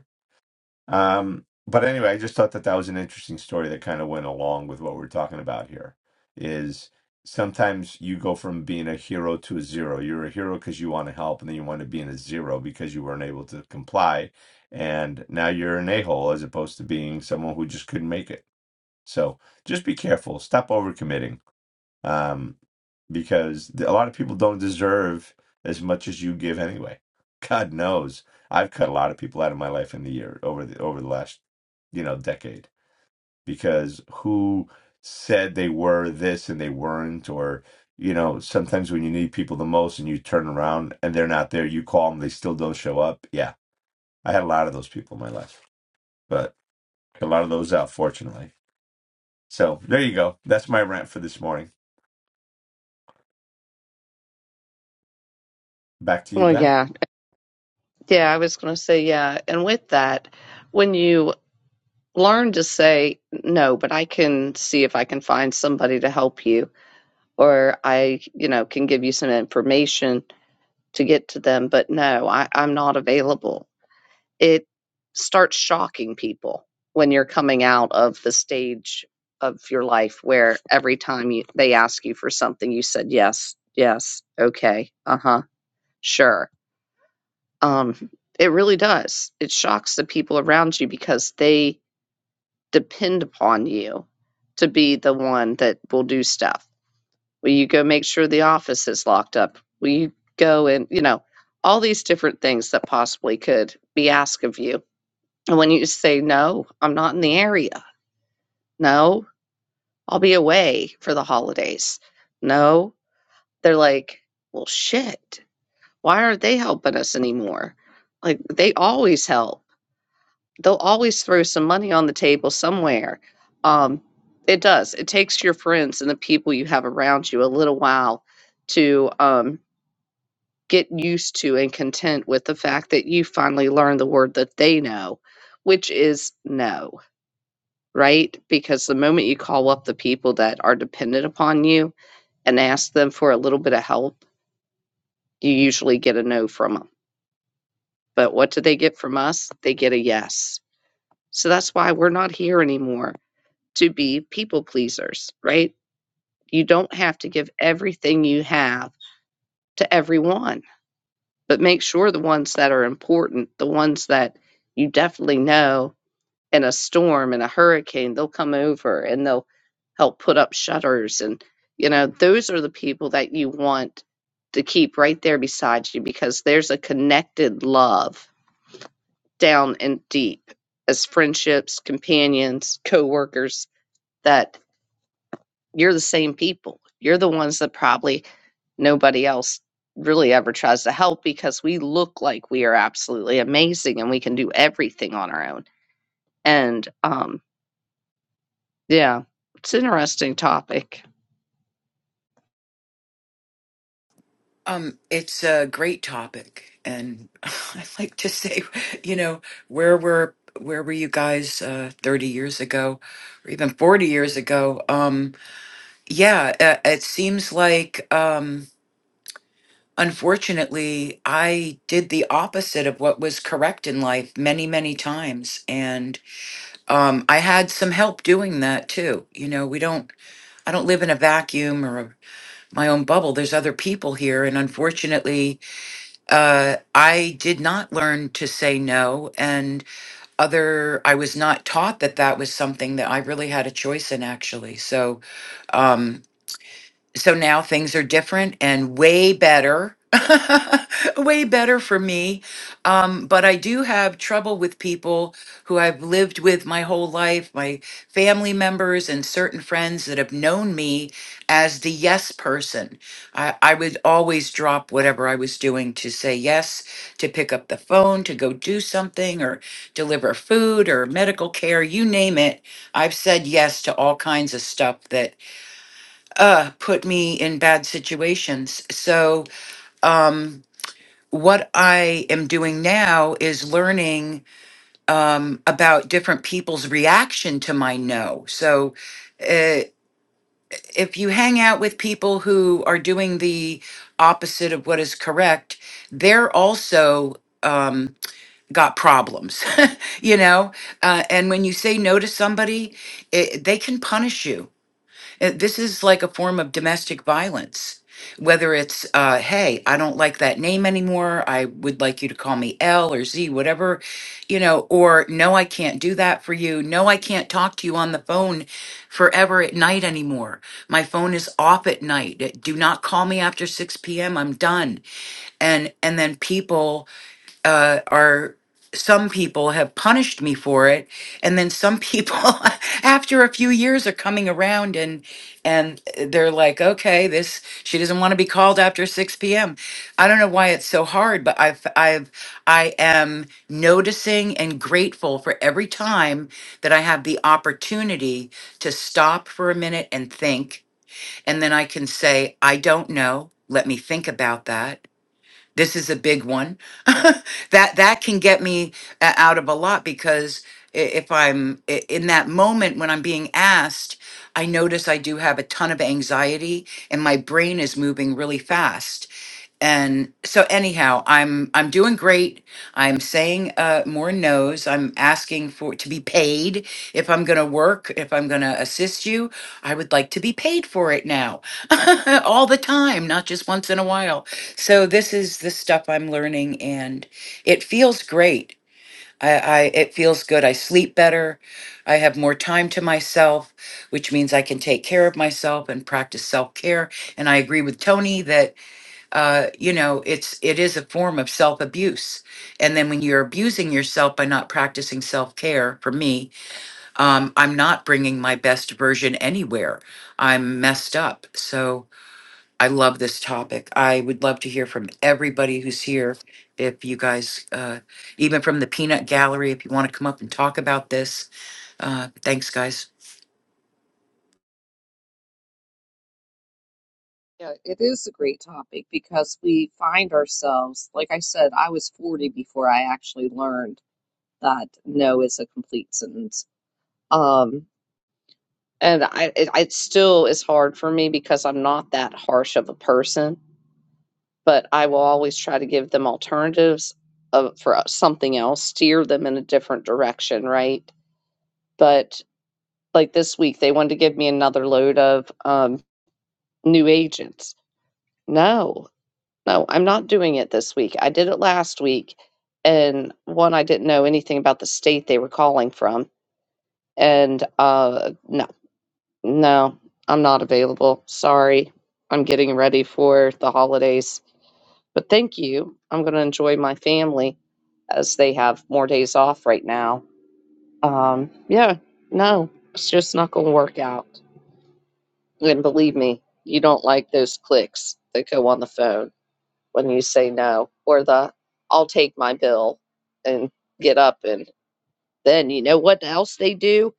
Speaker 2: um, but anyway, I just thought that that was an interesting story that kind of went along with what we're talking about here. Is sometimes you go from being a hero to a zero. You're a hero because you want to help, and then you want to be in a zero because you weren't able to comply, and now you're an a hole as opposed to being someone who just couldn't make it. So just be careful. Stop overcommitting um, because a lot of people don't deserve as much as you give anyway. God knows I've cut a lot of people out of my life in the year over the over the last you know decade because who said they were this and they weren't or you know sometimes when you need people the most and you turn around and they're not there you call them they still don't show up yeah i had a lot of those people in my life but a lot of those out fortunately so there you go that's my rant for this morning back to you
Speaker 1: Well,
Speaker 2: ben
Speaker 1: yeah. Yeah, I was going to say, yeah. And with that, when you learn to say no, but I can see if I can find somebody to help you, or I, you know, can give you some information to get to them, but no, I, I'm not available it starts shocking people when you're coming out of the stage of your life where every time you, they ask you for something, you said yes, yes, okay, uh huh, sure. Um, it really does. It shocks the people around you because they depend upon you to be the one that will do stuff. Will you go make sure the office is locked up? Will you go and, you know, all these different things that possibly could be asked of you and when you say, no, I'm not in the area. No, I'll be away for the holidays. No, they're like, well, shit. Why aren't they helping us anymore? Like, they always help. They'll always throw some money on the table somewhere. Um, it does. It takes your friends and the people you have around you a little while to um, get used to and content with the fact that you finally learned the word that they know, which is no right? Because the moment you call up the people that are dependent upon you and ask them for a little bit of help, you usually get a no from them. But what do they get from us? They get a yes. So that's why we're not here anymore to be people pleasers, right? You don't have to give everything you have to everyone, but make sure the ones that are important, the ones that you definitely know in a storm and a hurricane, they'll come over and they'll help put up shutters. And, you know, those are the people that you want to keep right there beside you because there's a connected love down and deep as friendships, companions, coworkers that you're the same people. You're the ones that probably nobody else really ever tries to help because we look like we are absolutely amazing and we can do everything on our own. And um, Yeah, it's an interesting topic.
Speaker 5: Um, it's a great topic, and I like to say, you know, where were where were you guys uh, 30 years ago, or even 40 years ago? Um, yeah, it, it seems like, um, unfortunately, I did the opposite of what was correct in life many, many times, and um, I had some help doing that too. You know, we don't, I don't live in a vacuum or a, my own bubble. There's other people here, and unfortunately uh, I did not learn to say no, and other, I was not taught that that was something that I really had a choice in, actually. So, um, so now things are different and way better way better for me um, but i do have trouble with people who i've lived with my whole life my family members and certain friends that have known me as the yes person I, I would always drop whatever i was doing to say yes to pick up the phone to go do something or deliver food or medical care you name it i've said yes to all kinds of stuff that uh, put me in bad situations. So, um, what I am doing now is learning um, about different people's reaction to my no. So, uh, if you hang out with people who are doing the opposite of what is correct, they're also um, got problems, you know? Uh, and when you say no to somebody, it, they can punish you uh, This is like a form of domestic violence. Whether it's, uh, hey, I don't like that name anymore. I would like you to call me L or Z, whatever, you know, or no, I can't do that for you. No, I can't talk to you on the phone forever at night anymore. My phone is off at night. Do not call me after 6 p.m. I'm done. And, and then people uh, are some people have punished me for it and then some people after a few years are coming around and and they're like okay this she doesn't want to be called after 6 p.m i don't know why it's so hard but i've i've i am noticing and grateful for every time that i have the opportunity to stop for a minute and think and then i can say i don't know let me think about that this is a big one. that that can get me uh, out of a lot because i- if I'm i- in that moment when I'm being asked, I notice I do have a ton of anxiety and my brain is moving really fast and so anyhow i'm i'm doing great i'm saying uh more no's i'm asking for to be paid if i'm gonna work if i'm gonna assist you i would like to be paid for it now all the time not just once in a while so this is the stuff i'm learning and it feels great I, I it feels good i sleep better i have more time to myself which means i can take care of myself and practice self-care and i agree with tony that uh, you know, it's it is a form of self abuse. And then when you're abusing yourself by not practicing self care, for me, um, I'm not bringing my best version anywhere. I'm messed up. So I love this topic. I would love to hear from everybody who's here. If you guys, uh, even from the Peanut Gallery, if you want to come up and talk about this, uh, thanks, guys.
Speaker 1: Yeah, it is a great topic because we find ourselves, like I said, I was 40 before I actually learned that no is a complete sentence. Um, and I, it, it still is hard for me because I'm not that harsh of a person, but I will always try to give them alternatives of, for uh, something else, steer them in a different direction, right? But like this week, they wanted to give me another load of um, new agents. No, No, I'm not doing it this week. I did it last week, and one, I didn't know anything about the state they were calling from, and uh, no, no, I'm not available. Sorry, I'm getting ready for the holidays, but thank you. I'm going to enjoy my family as they have more days off right now. Um, yeah, no, it's just not going to work out. And believe me, you don't like those clicks that go on the phone when you say no, or the I'll take my bill and get up. And then you know what else they do?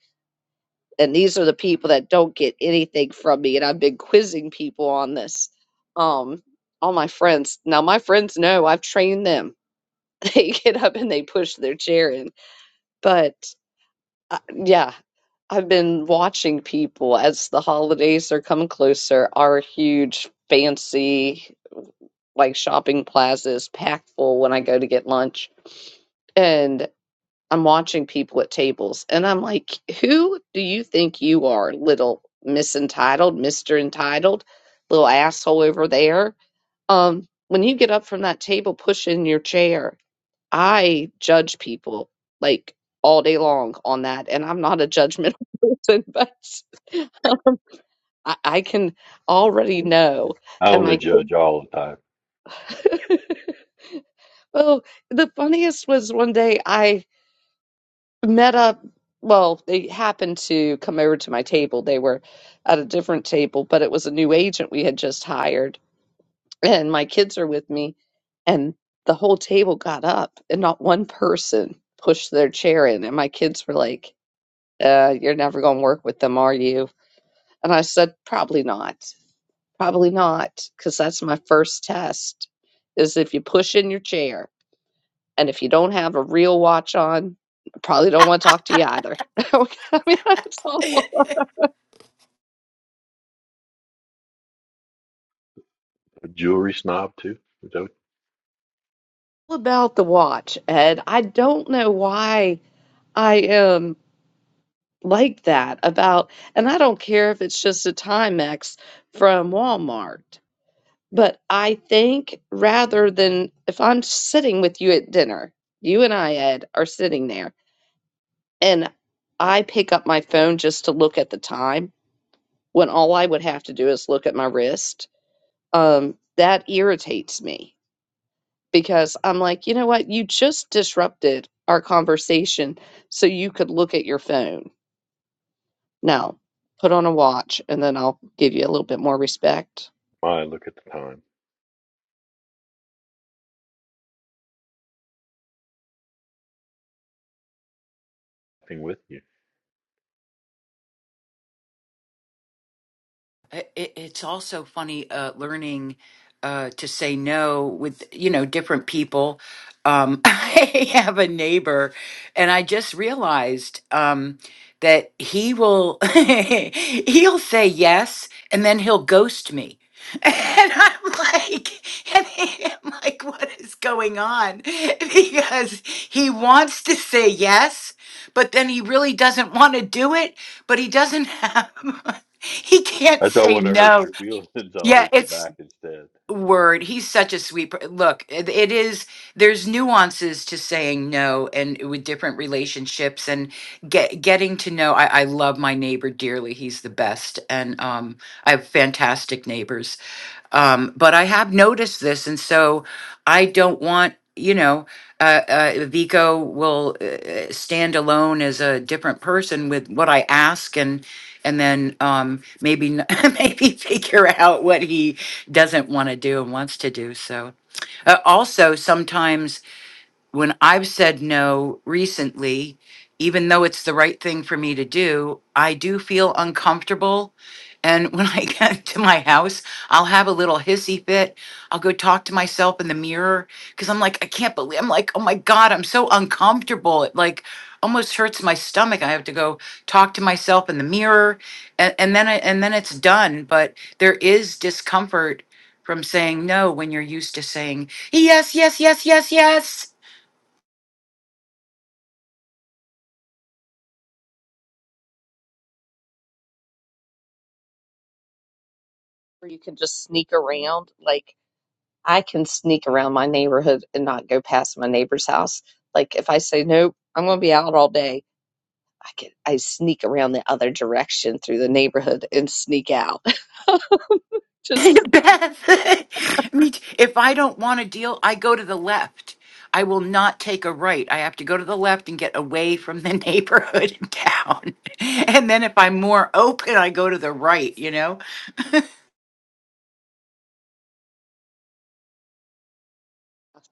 Speaker 1: And these are the people that don't get anything from me. And I've been quizzing people on this. Um, all my friends. Now, my friends know I've trained them. They get up and they push their chair in. But uh, yeah, I've been watching people as the holidays are coming closer, our huge, fancy like shopping plazas packed full when I go to get lunch. And I'm watching people at tables and I'm like, who do you think you are, little Miss Entitled, Mr. Entitled, little asshole over there? Um, when you get up from that table, push in your chair. I judge people like all day long on that. And I'm not a judgmental person, but um, I, I can already know.
Speaker 4: I
Speaker 1: And
Speaker 4: only
Speaker 1: my
Speaker 4: judge all the time.
Speaker 1: Well, the funniest was one day I met up. Well, they happened to come over to my table. They were at a different table, but it was a new agent we had just hired. And my kids are with me. And the whole table got up, and not one person pushed their chair in. And my kids were like, uh, You're never going to work with them, are you? And I said, Probably not. Probably not. Because that's my first test is if you push in your chair. And if you don't have a real watch on, I probably don't want to talk to you either. I mean, it's all
Speaker 4: A jewelry snob, too. Don't
Speaker 1: about the watch. And I don't know why I am like that about, and I don't care if it's just a Timex from Walmart, but I think rather than if I'm sitting with you at dinner, you and I, Ed, are sitting there, and I pick up my phone just to look at the time when all I would have to do is look at my wrist um, that irritates me because I'm like, you know what? You just disrupted our conversation so you could look at your phone. Now, put on a watch and then I'll give you a little bit more respect.
Speaker 4: mind. Look at the time. Thing with you.
Speaker 5: It, it's also funny uh, learning uh, to say no with you know different people. Um, I have a neighbor, and I just realized um, that he will he'll say yes, and then he'll ghost me. And I'm like, and I'm like, what is going on? Because he wants to say yes, but then he really doesn't want to do it, but he doesn't have. he can't
Speaker 4: I don't
Speaker 5: say
Speaker 4: want to hurt
Speaker 5: no.
Speaker 4: your feelings. I'll
Speaker 5: Yeah,
Speaker 4: hurt your
Speaker 5: it's
Speaker 4: back instead.
Speaker 5: word. He's such a sweet. per- Look, it, it is. There's nuances to saying no, and with different relationships, and get getting to know. I, I love my neighbor dearly. He's the best, and um, I have fantastic neighbors. Um, but I have noticed this, and so I don't want you know uh, uh, Vico will uh, stand alone as a different person with what I ask, and and then um, maybe n- maybe figure out what he doesn't want to do and wants to do. So uh, also sometimes when I've said no recently, even though it's the right thing for me to do, I do feel uncomfortable. And when I get to my house, I'll have a little hissy fit. I'll go talk to myself in the mirror because I'm like, I can't believe, I'm like, oh my God, I'm so uncomfortable. It like almost hurts my stomach. I have to go talk to myself in the mirror and, and then, I, and then it's done. But there is discomfort from saying no when you're used to saying yes, yes, yes, yes, yes
Speaker 1: Or you can just sneak around. Like, I can sneak around my neighborhood and not go past my neighbor's house. Like, if I say, nope, I'm going to be out all day, I could I sneak around the other direction through the neighborhood and sneak out. Just
Speaker 5: Beth, me t- if I don't want to deal, I go to the left. I will not take a right. I have to go to the left and get away from the neighborhood and town. And then if I'm more open, I go to the right, you know?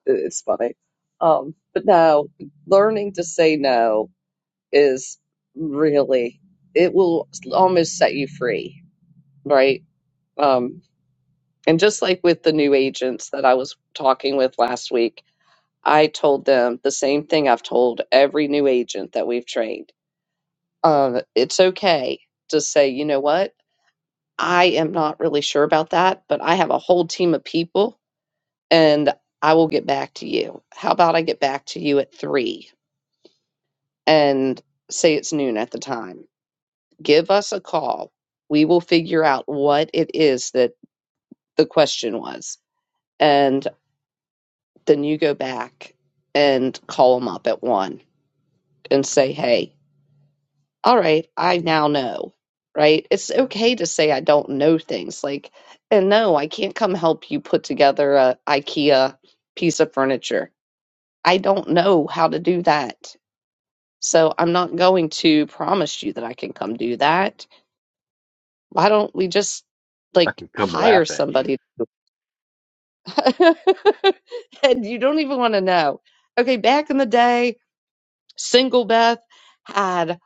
Speaker 1: it's funny. Um, but no, learning to say no is really it will almost set you free right um and just like with the new agents that i was talking with last week i told them the same thing i've told every new agent that we've trained um it's okay to say you know what i am not really sure about that but i have a whole team of people and i will get back to you how about i get back to you at three and say it's noon at the time give us a call. We will figure out what it is that the question was. And then you go back and call them up at one and say, hey, all right, I now know, right? It's okay to say I don't know things. Like, and no, I can't come help you put together a IKEA piece of furniture. I don't know how to do that. So I'm not going to promise you that I can come do that. Why don't we just like
Speaker 4: Come
Speaker 1: hire
Speaker 4: laugh at you.
Speaker 1: somebody and you don't even want to know. Okay, back in the day, single Beth had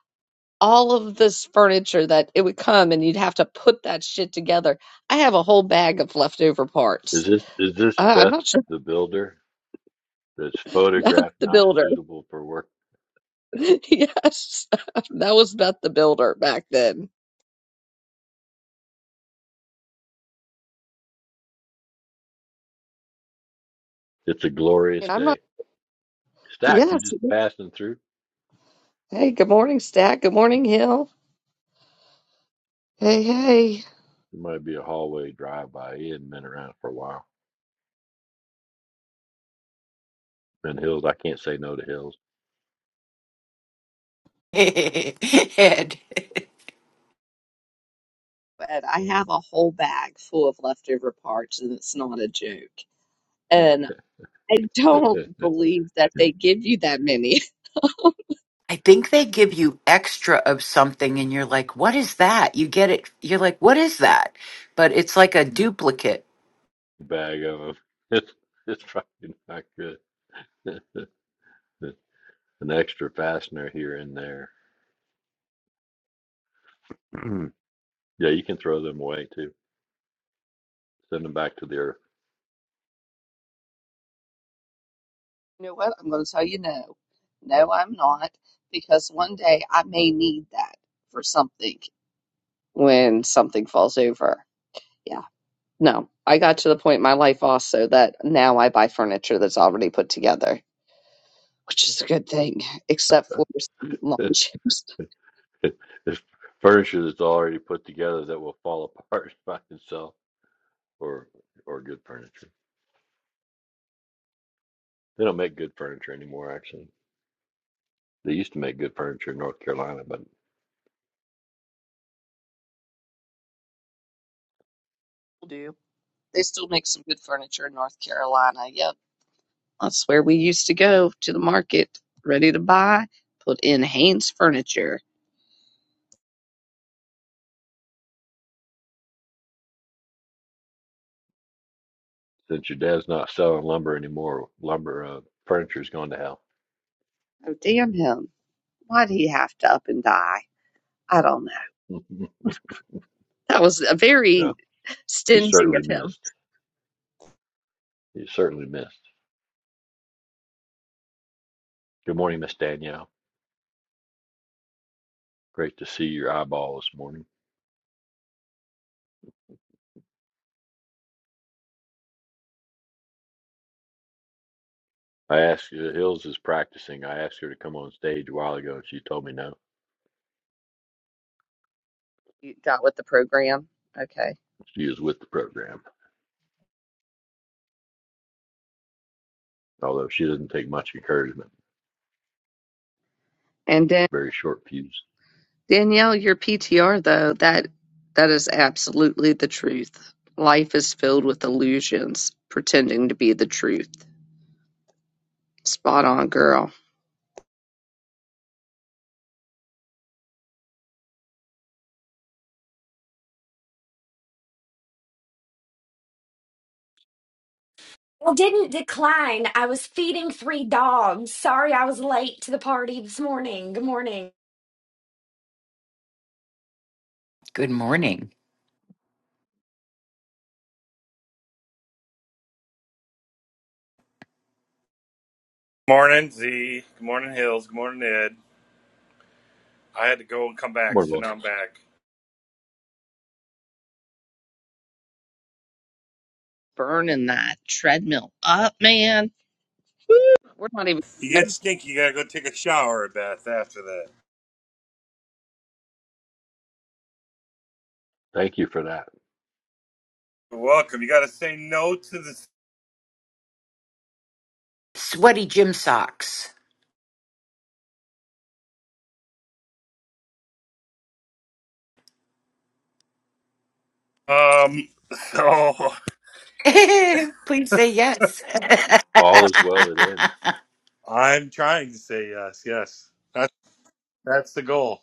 Speaker 1: all of this furniture that it would come and you'd have to put that shit together. I have a whole bag of leftover
Speaker 4: Is
Speaker 1: parts.
Speaker 4: this is this
Speaker 1: Uh, I'm
Speaker 4: Beth
Speaker 1: not sure
Speaker 4: the Builder? That's
Speaker 1: about
Speaker 4: photographed
Speaker 1: the
Speaker 4: not
Speaker 1: builder.
Speaker 4: suitable for work.
Speaker 1: yes, that was Beth the builder back then.
Speaker 4: It's a glorious
Speaker 1: And I'm not,
Speaker 4: day. Stack, you
Speaker 1: yes.
Speaker 4: just passing through?
Speaker 1: Hey, good morning, Stack. Good morning, Hill. Hey, hey.
Speaker 4: It might be a hallway drive by. He hadn't been around for a while. Been hills. I can't say no to hills.
Speaker 5: Ed,
Speaker 1: But I have a whole bag full of leftover parts and it's not a joke And I don't believe that they give you that many.
Speaker 5: I think they give you extra of something and you're like, what is that? You get it. You're like, what is that? But it's like a duplicate.
Speaker 4: bag of them. It's, it's probably not good. An extra fastener here and there. yeah, you can throw them away too. Send them back to the
Speaker 1: You know what? I'm going to tell you no. No, I'm not, because one day I may need that for something when something falls over. Yeah. No, I got to the point in my life also that now I buy furniture that's already put together. which is a good thing, except for some lawn
Speaker 4: earth.
Speaker 1: chairs.
Speaker 4: it's furniture that's already put together that will fall apart by itself, or or good furniture. They don't make good furniture anymore. Actually, they used to make good furniture in North Carolina, but
Speaker 1: Do they still make some good furniture in North Carolina? Yep. That's where we used to go to the market, ready to buy, put in Haynes furniture.
Speaker 4: since your dad's not selling lumber anymore, lumber uh, furniture's gone to hell.
Speaker 1: Oh, damn him. Why'd he have to up and die? I don't know. That was a very
Speaker 4: yeah, he
Speaker 1: stingy
Speaker 4: certainly
Speaker 1: of him.
Speaker 4: missed. He certainly missed. Good morning, Miss Danielle. Great to see your eyeball this morning. I asked you, Hills is practicing. I asked her to come on stage a while ago, and she told me no.
Speaker 1: He got with the program. Okay.
Speaker 4: She is with the program, although she doesn't take much encouragement,
Speaker 1: And then.
Speaker 4: very short fuse.
Speaker 1: Danielle, your PTR though, that that is absolutely the truth. Life is filled with illusions pretending to be the truth. Spot on, girl.
Speaker 6: Well, didn't decline. I was feeding three dogs. Sorry, I was late to the party this morning. Good morning.
Speaker 5: Good morning.
Speaker 3: Morning, Z. Good morning, Hills. Good morning, Ed. I had to go and come back,
Speaker 4: Morning,
Speaker 3: so
Speaker 4: boss.
Speaker 3: now I'm back.
Speaker 1: Burning that treadmill up, man. We're not even
Speaker 3: You
Speaker 1: no.
Speaker 3: get stinky. You gotta go take a shower or bath after that.
Speaker 4: Thank you for that.
Speaker 3: You're welcome. You gotta say no to this.
Speaker 5: Sweaty gym socks.
Speaker 3: Um. So
Speaker 5: Please say yes.
Speaker 4: All is well that ends.
Speaker 3: I'm trying to say yes. Yes. That's that's the goal.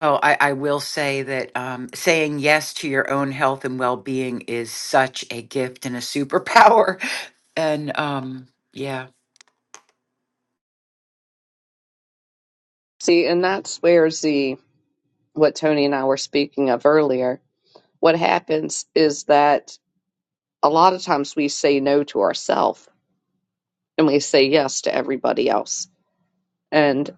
Speaker 5: Oh, I, I will say that um, saying yes to your own health and well being is such a gift and a superpower. And um, yeah.
Speaker 1: see, and that's where the what Tony and I were speaking of earlier. What happens is that a lot of times we say no to ourselves and we say yes to everybody else. and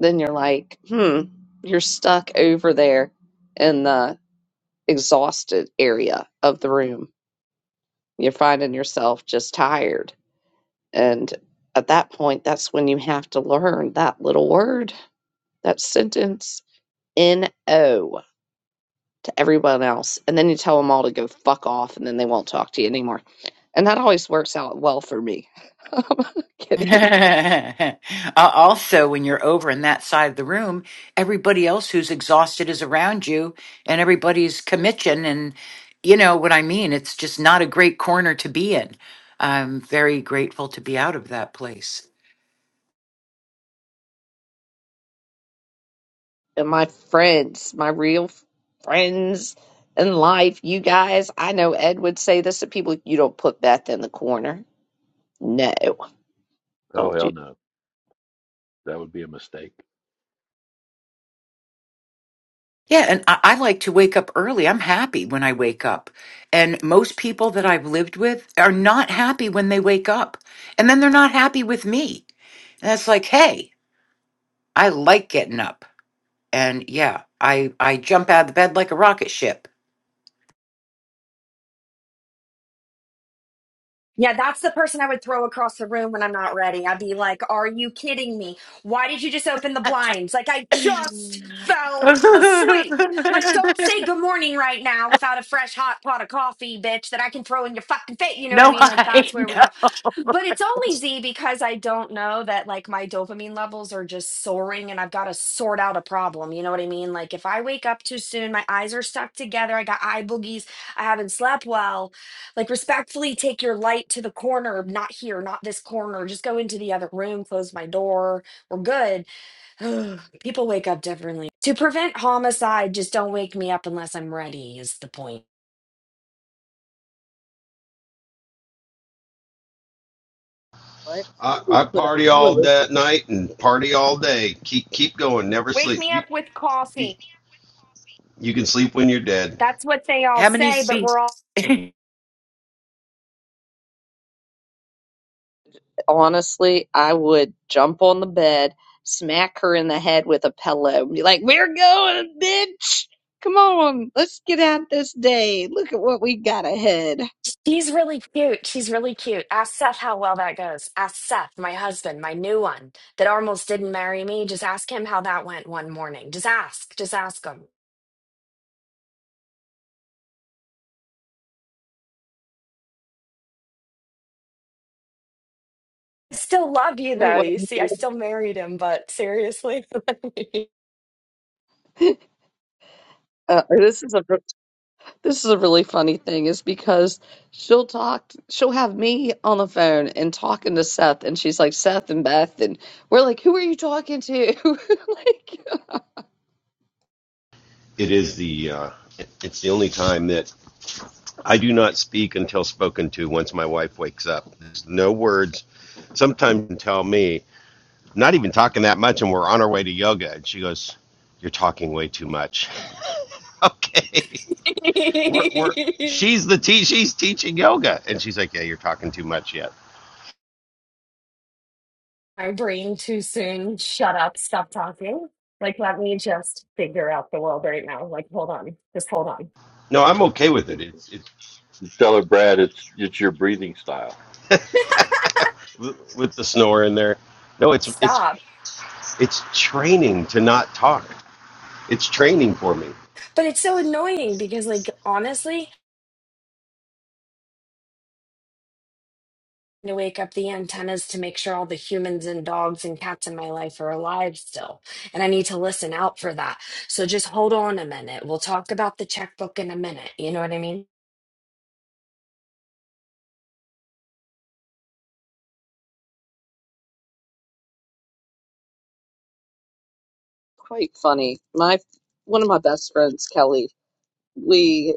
Speaker 1: then you're like, hmm, you're stuck over there in the exhausted area of the room. You're finding yourself just tired. And at that point, that's when you have to learn that little word, that sentence, N O to everyone else. And then you tell them all to go fuck off and then they won't talk to you anymore. And that always works out well for me. I'm kidding
Speaker 5: Uh, also, when you're over in that side of the room, everybody else who's exhausted is around you and everybody's commission. And you know what I mean? It's just not a great corner to be in. I'm very grateful to be out of that place.
Speaker 1: and my friends, my real f- friends in life, you guys, I know Ed would say this to people, you don't put Beth in the corner. No,
Speaker 4: Oh,
Speaker 1: don't do
Speaker 4: hell no. That would be a mistake.
Speaker 5: Yeah, and I, I like to wake up early. I'm happy when I wake up. And most people that I've lived with are not happy when they wake up. And then they're not happy with me. And it's like, hey, I like getting up. And yeah, I, I jump out of the bed like a rocket ship.
Speaker 6: Yeah, that's the person I would throw across the room when I'm not ready. I'd be like, Are you kidding me? Why did you just open the blinds? Like, I
Speaker 5: no,
Speaker 6: just fell asleep. Like, don't say good morning right now without a fresh hot pot of coffee, bitch, that I can throw in your fucking face. You know what I mean? Like,
Speaker 5: I
Speaker 6: that's where
Speaker 5: know.
Speaker 6: we go. But it's only Z because I don't know that like my dopamine levels are just soaring and I've got to sort out a problem. You know what I mean? Like if I wake up too soon, my eyes are stuck together, I got eye boogies, I haven't slept well. Like respectfully take your light to the corner, not here, not this corner. Just go into the other room, close my door. We're good. People wake up differently. To prevent homicide, just don't wake me up unless I'm ready is the point.
Speaker 1: what? You
Speaker 7: I,
Speaker 1: would
Speaker 7: I
Speaker 1: Put a
Speaker 7: party all
Speaker 1: pillow.
Speaker 7: that night and party all day. Keep keep going. Never
Speaker 6: Wake
Speaker 7: sleep.
Speaker 6: me
Speaker 7: You
Speaker 6: up with
Speaker 7: you,
Speaker 6: coffee.
Speaker 7: you can sleep when you're dead.
Speaker 6: That's what they all
Speaker 5: How many
Speaker 6: say, but
Speaker 5: seats?
Speaker 6: we're all
Speaker 5: Gee,
Speaker 1: Honestly, I would jump on the bed, smack her in the head with a pillow, and be like, We're going, bitch. Come on, let's get out this day. Look at what we got ahead.
Speaker 6: She's really cute. She's really cute. Ask Seth how well that goes. Ask Seth, my husband, my new one that almost didn't marry me. Just ask him how that went one morning. Just ask. Just ask him. I still love you
Speaker 1: You know
Speaker 6: though.
Speaker 1: what?
Speaker 6: You see, I still married him, but seriously.
Speaker 1: Uh, this is a This is a really funny thing, is because she'll talk, she'll have me on the phone and talking to Seth, and she's like, Seth and Beth, and we're like, who are you talking to? Like,
Speaker 7: It is the uh, it's the only time that I do not speak until spoken to. Once my wife wakes up, there's no words. Sometimes you tell me I'm not even talking that much, and we're on our way to yoga, and she goes, "You're talking way too much." okay, we're, we're she's the te- she's teaching yoga, and she's like, "Yeah, you're talking too much yet."
Speaker 6: my brain too soon. Shut up. Stop talking. Like, let me just figure out the world right now. Like, hold on. Just hold on.
Speaker 7: No, I'm okay with it. It's it's
Speaker 4: Tell her, Brad, it's, it's your breathing style.
Speaker 7: with- with the snore in there. No, it's it's
Speaker 6: Stop.
Speaker 7: it's training to not talk. It's training for me.
Speaker 6: But it's so annoying because, like, honestly, to wake up the antennas to make sure all the humans and dogs and cats in my life are alive still. And I need to listen out for that. So just hold on a minute. We'll talk about the checkbook in a minute. You know what I mean?
Speaker 1: quite funny. My one of my best friends, Kelly, we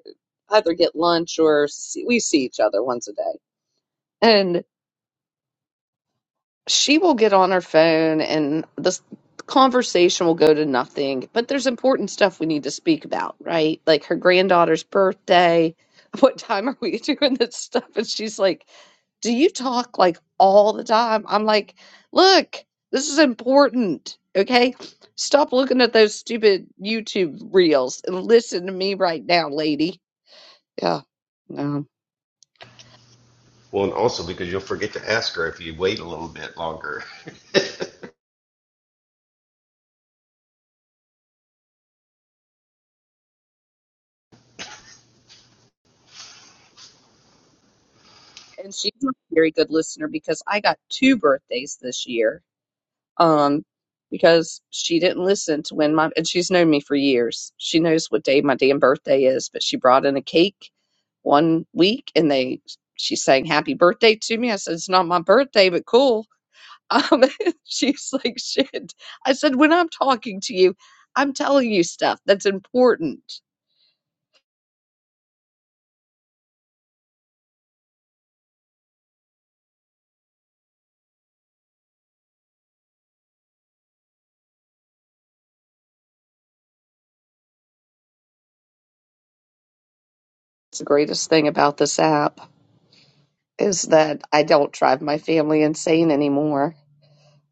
Speaker 1: either get lunch or see, we see each other once a day, she will get on her phone and this conversation will go to nothing but there's important stuff we need to speak about right like her granddaughter's birthday what time are we doing this stuff and she's like do you talk like all the time i'm like look this is important okay stop looking at those stupid youtube reels and listen to me right now lady yeah no
Speaker 7: Well, and also because you'll forget to ask her if you wait a little bit longer.
Speaker 1: and she's not a very good listener because i got two birthdays this year um, because she didn't listen to when my and she's known me for years. She knows what day my damn birthday is, but she brought in a cake one week and they she sang happy birthday to me. I said it's not my birthday, but cool. Um, she's like shit. I said when I'm talking to you, I'm telling you stuff that's important. It's the greatest thing about this app. is that I don't drive my family insane anymore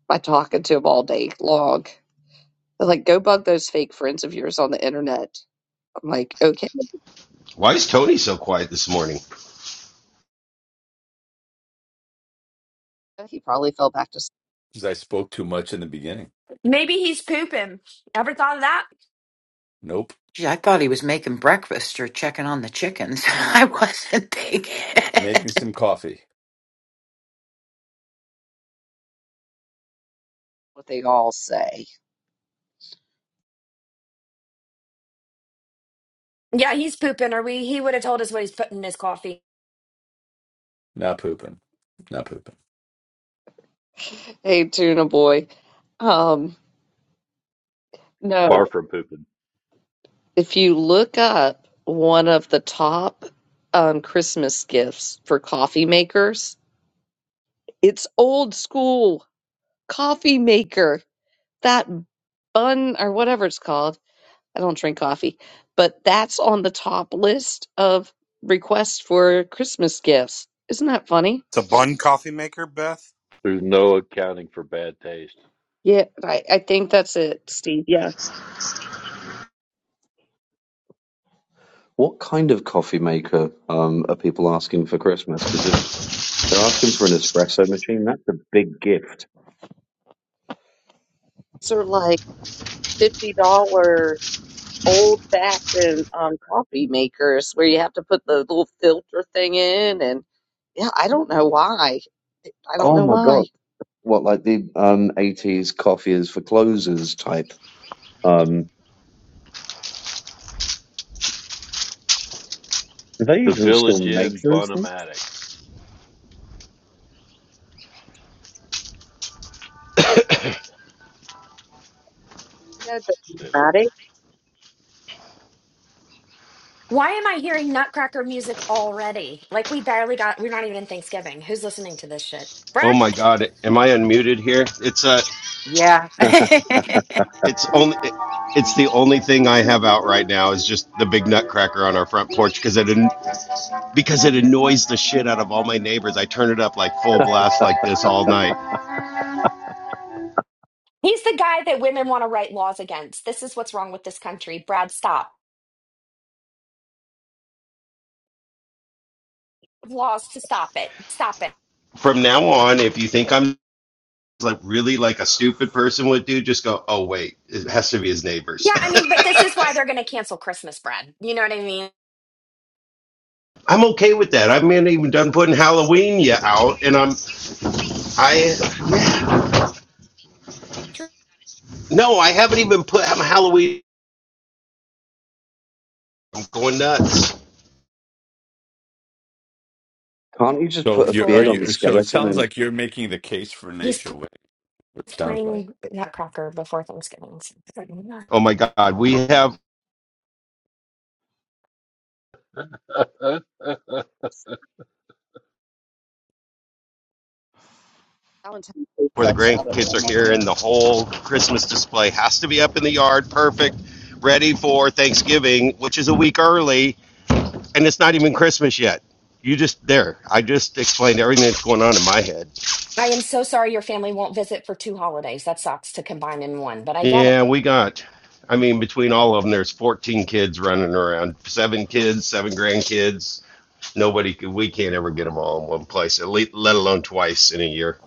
Speaker 1: by talking to them all day long. They're like, go bug those fake friends of yours on the internet. I'm like, okay.
Speaker 7: Why is Tony so quiet this morning?
Speaker 1: He probably fell back to
Speaker 2: because I spoke too much in the beginning.
Speaker 6: Maybe he's pooping. Ever thought of that?
Speaker 2: Nope.
Speaker 5: I thought he was making breakfast or checking on the chickens. I wasn't thinking.
Speaker 2: Making some coffee.
Speaker 1: what they all say.
Speaker 6: Yeah, he's pooping, or we he would have told us what he's putting in his coffee.
Speaker 2: Not pooping. Not pooping.
Speaker 1: Hey, tuna boy. Um, no,
Speaker 4: Far from pooping.
Speaker 1: if you look up one of the top um, Christmas gifts for coffee makers, it's old school coffee maker. That bun or whatever it's called I don't drink coffee, but that's on the top list of requests for Christmas gifts. Isn't that funny?
Speaker 3: It's a bun coffee maker, Beth.
Speaker 4: There's no accounting for bad taste.
Speaker 1: Yeah, I, I think that's it, Steve. Yeah.
Speaker 8: What kind of coffee maker um, are people asking for Christmas? Because if they're asking for an espresso machine, that's a big gift.
Speaker 1: These are like $50 old fashioned um, coffee makers where you have to put the little filter thing in. And yeah, I don't know why. I don't
Speaker 8: Oh
Speaker 1: know
Speaker 8: my
Speaker 1: why.
Speaker 8: God. What, like the um, 80s coffee is for closers type? Um, do they
Speaker 4: The
Speaker 8: even still
Speaker 4: Village
Speaker 8: make
Speaker 4: Inn
Speaker 8: those things?
Speaker 4: Bonomatic.
Speaker 1: That's dramatic.
Speaker 6: Why am I hearing nutcracker music already? Like we barely got we're not even in Thanksgiving. Who's listening to this shit?
Speaker 7: Oh my
Speaker 6: Brad!
Speaker 7: God, am I unmuted here? It's uh,
Speaker 5: yeah.
Speaker 7: it's only. It, it's the only thing I have out right now is just the big nutcracker on our front porch because it an- because it annoys the shit out of all my neighbors. I turn it up like full blast like this all night.
Speaker 6: He's the guy that women want to write laws against. This is what's wrong with this country. Brad, stop. laws to stop it. Stop it.
Speaker 7: from now on, if you think I'm like really like a stupid person would do, just go, oh wait, it has to be his neighbors.
Speaker 6: Yeah, I mean, but this is why they're going to cancel Christmas bread. You know what I mean?
Speaker 7: I'm okay with that. I haven't even done putting Halloween yet out, and I'm I yeah. no, I haven't even put i Halloween. I'm going nuts.
Speaker 8: Can't you just
Speaker 2: So
Speaker 8: put a
Speaker 2: you are
Speaker 8: beard on
Speaker 6: For
Speaker 8: the
Speaker 2: you? So it
Speaker 8: skeleton
Speaker 2: sounds
Speaker 8: and
Speaker 2: like you're making the case for
Speaker 6: he's
Speaker 2: nature.
Speaker 6: pl-
Speaker 2: Wade. Sounds like.
Speaker 6: playing Nutcracker before Thanksgiving.
Speaker 7: Oh my god, we have
Speaker 4: Welcome
Speaker 1: Valentine's Day
Speaker 7: where the
Speaker 1: stuff's out at
Speaker 7: grandkids are
Speaker 1: Walmart
Speaker 7: here,
Speaker 1: now.
Speaker 7: and the whole Christmas display has to be up in the yard, perfect, ready for Thanksgiving, which is a week early, and it's not even Christmas yet. You just there. I just explained everything that's going on in my head.
Speaker 6: I am so sorry your family won't visit for two holidays. That sucks to combine in one, but I get it.
Speaker 7: Yeah, we got, I mean, between all of them, there's 14 kids running around, seven kids, seven grandkids. Nobody could, we can't ever get them all in one place, at least, let alone twice in a year.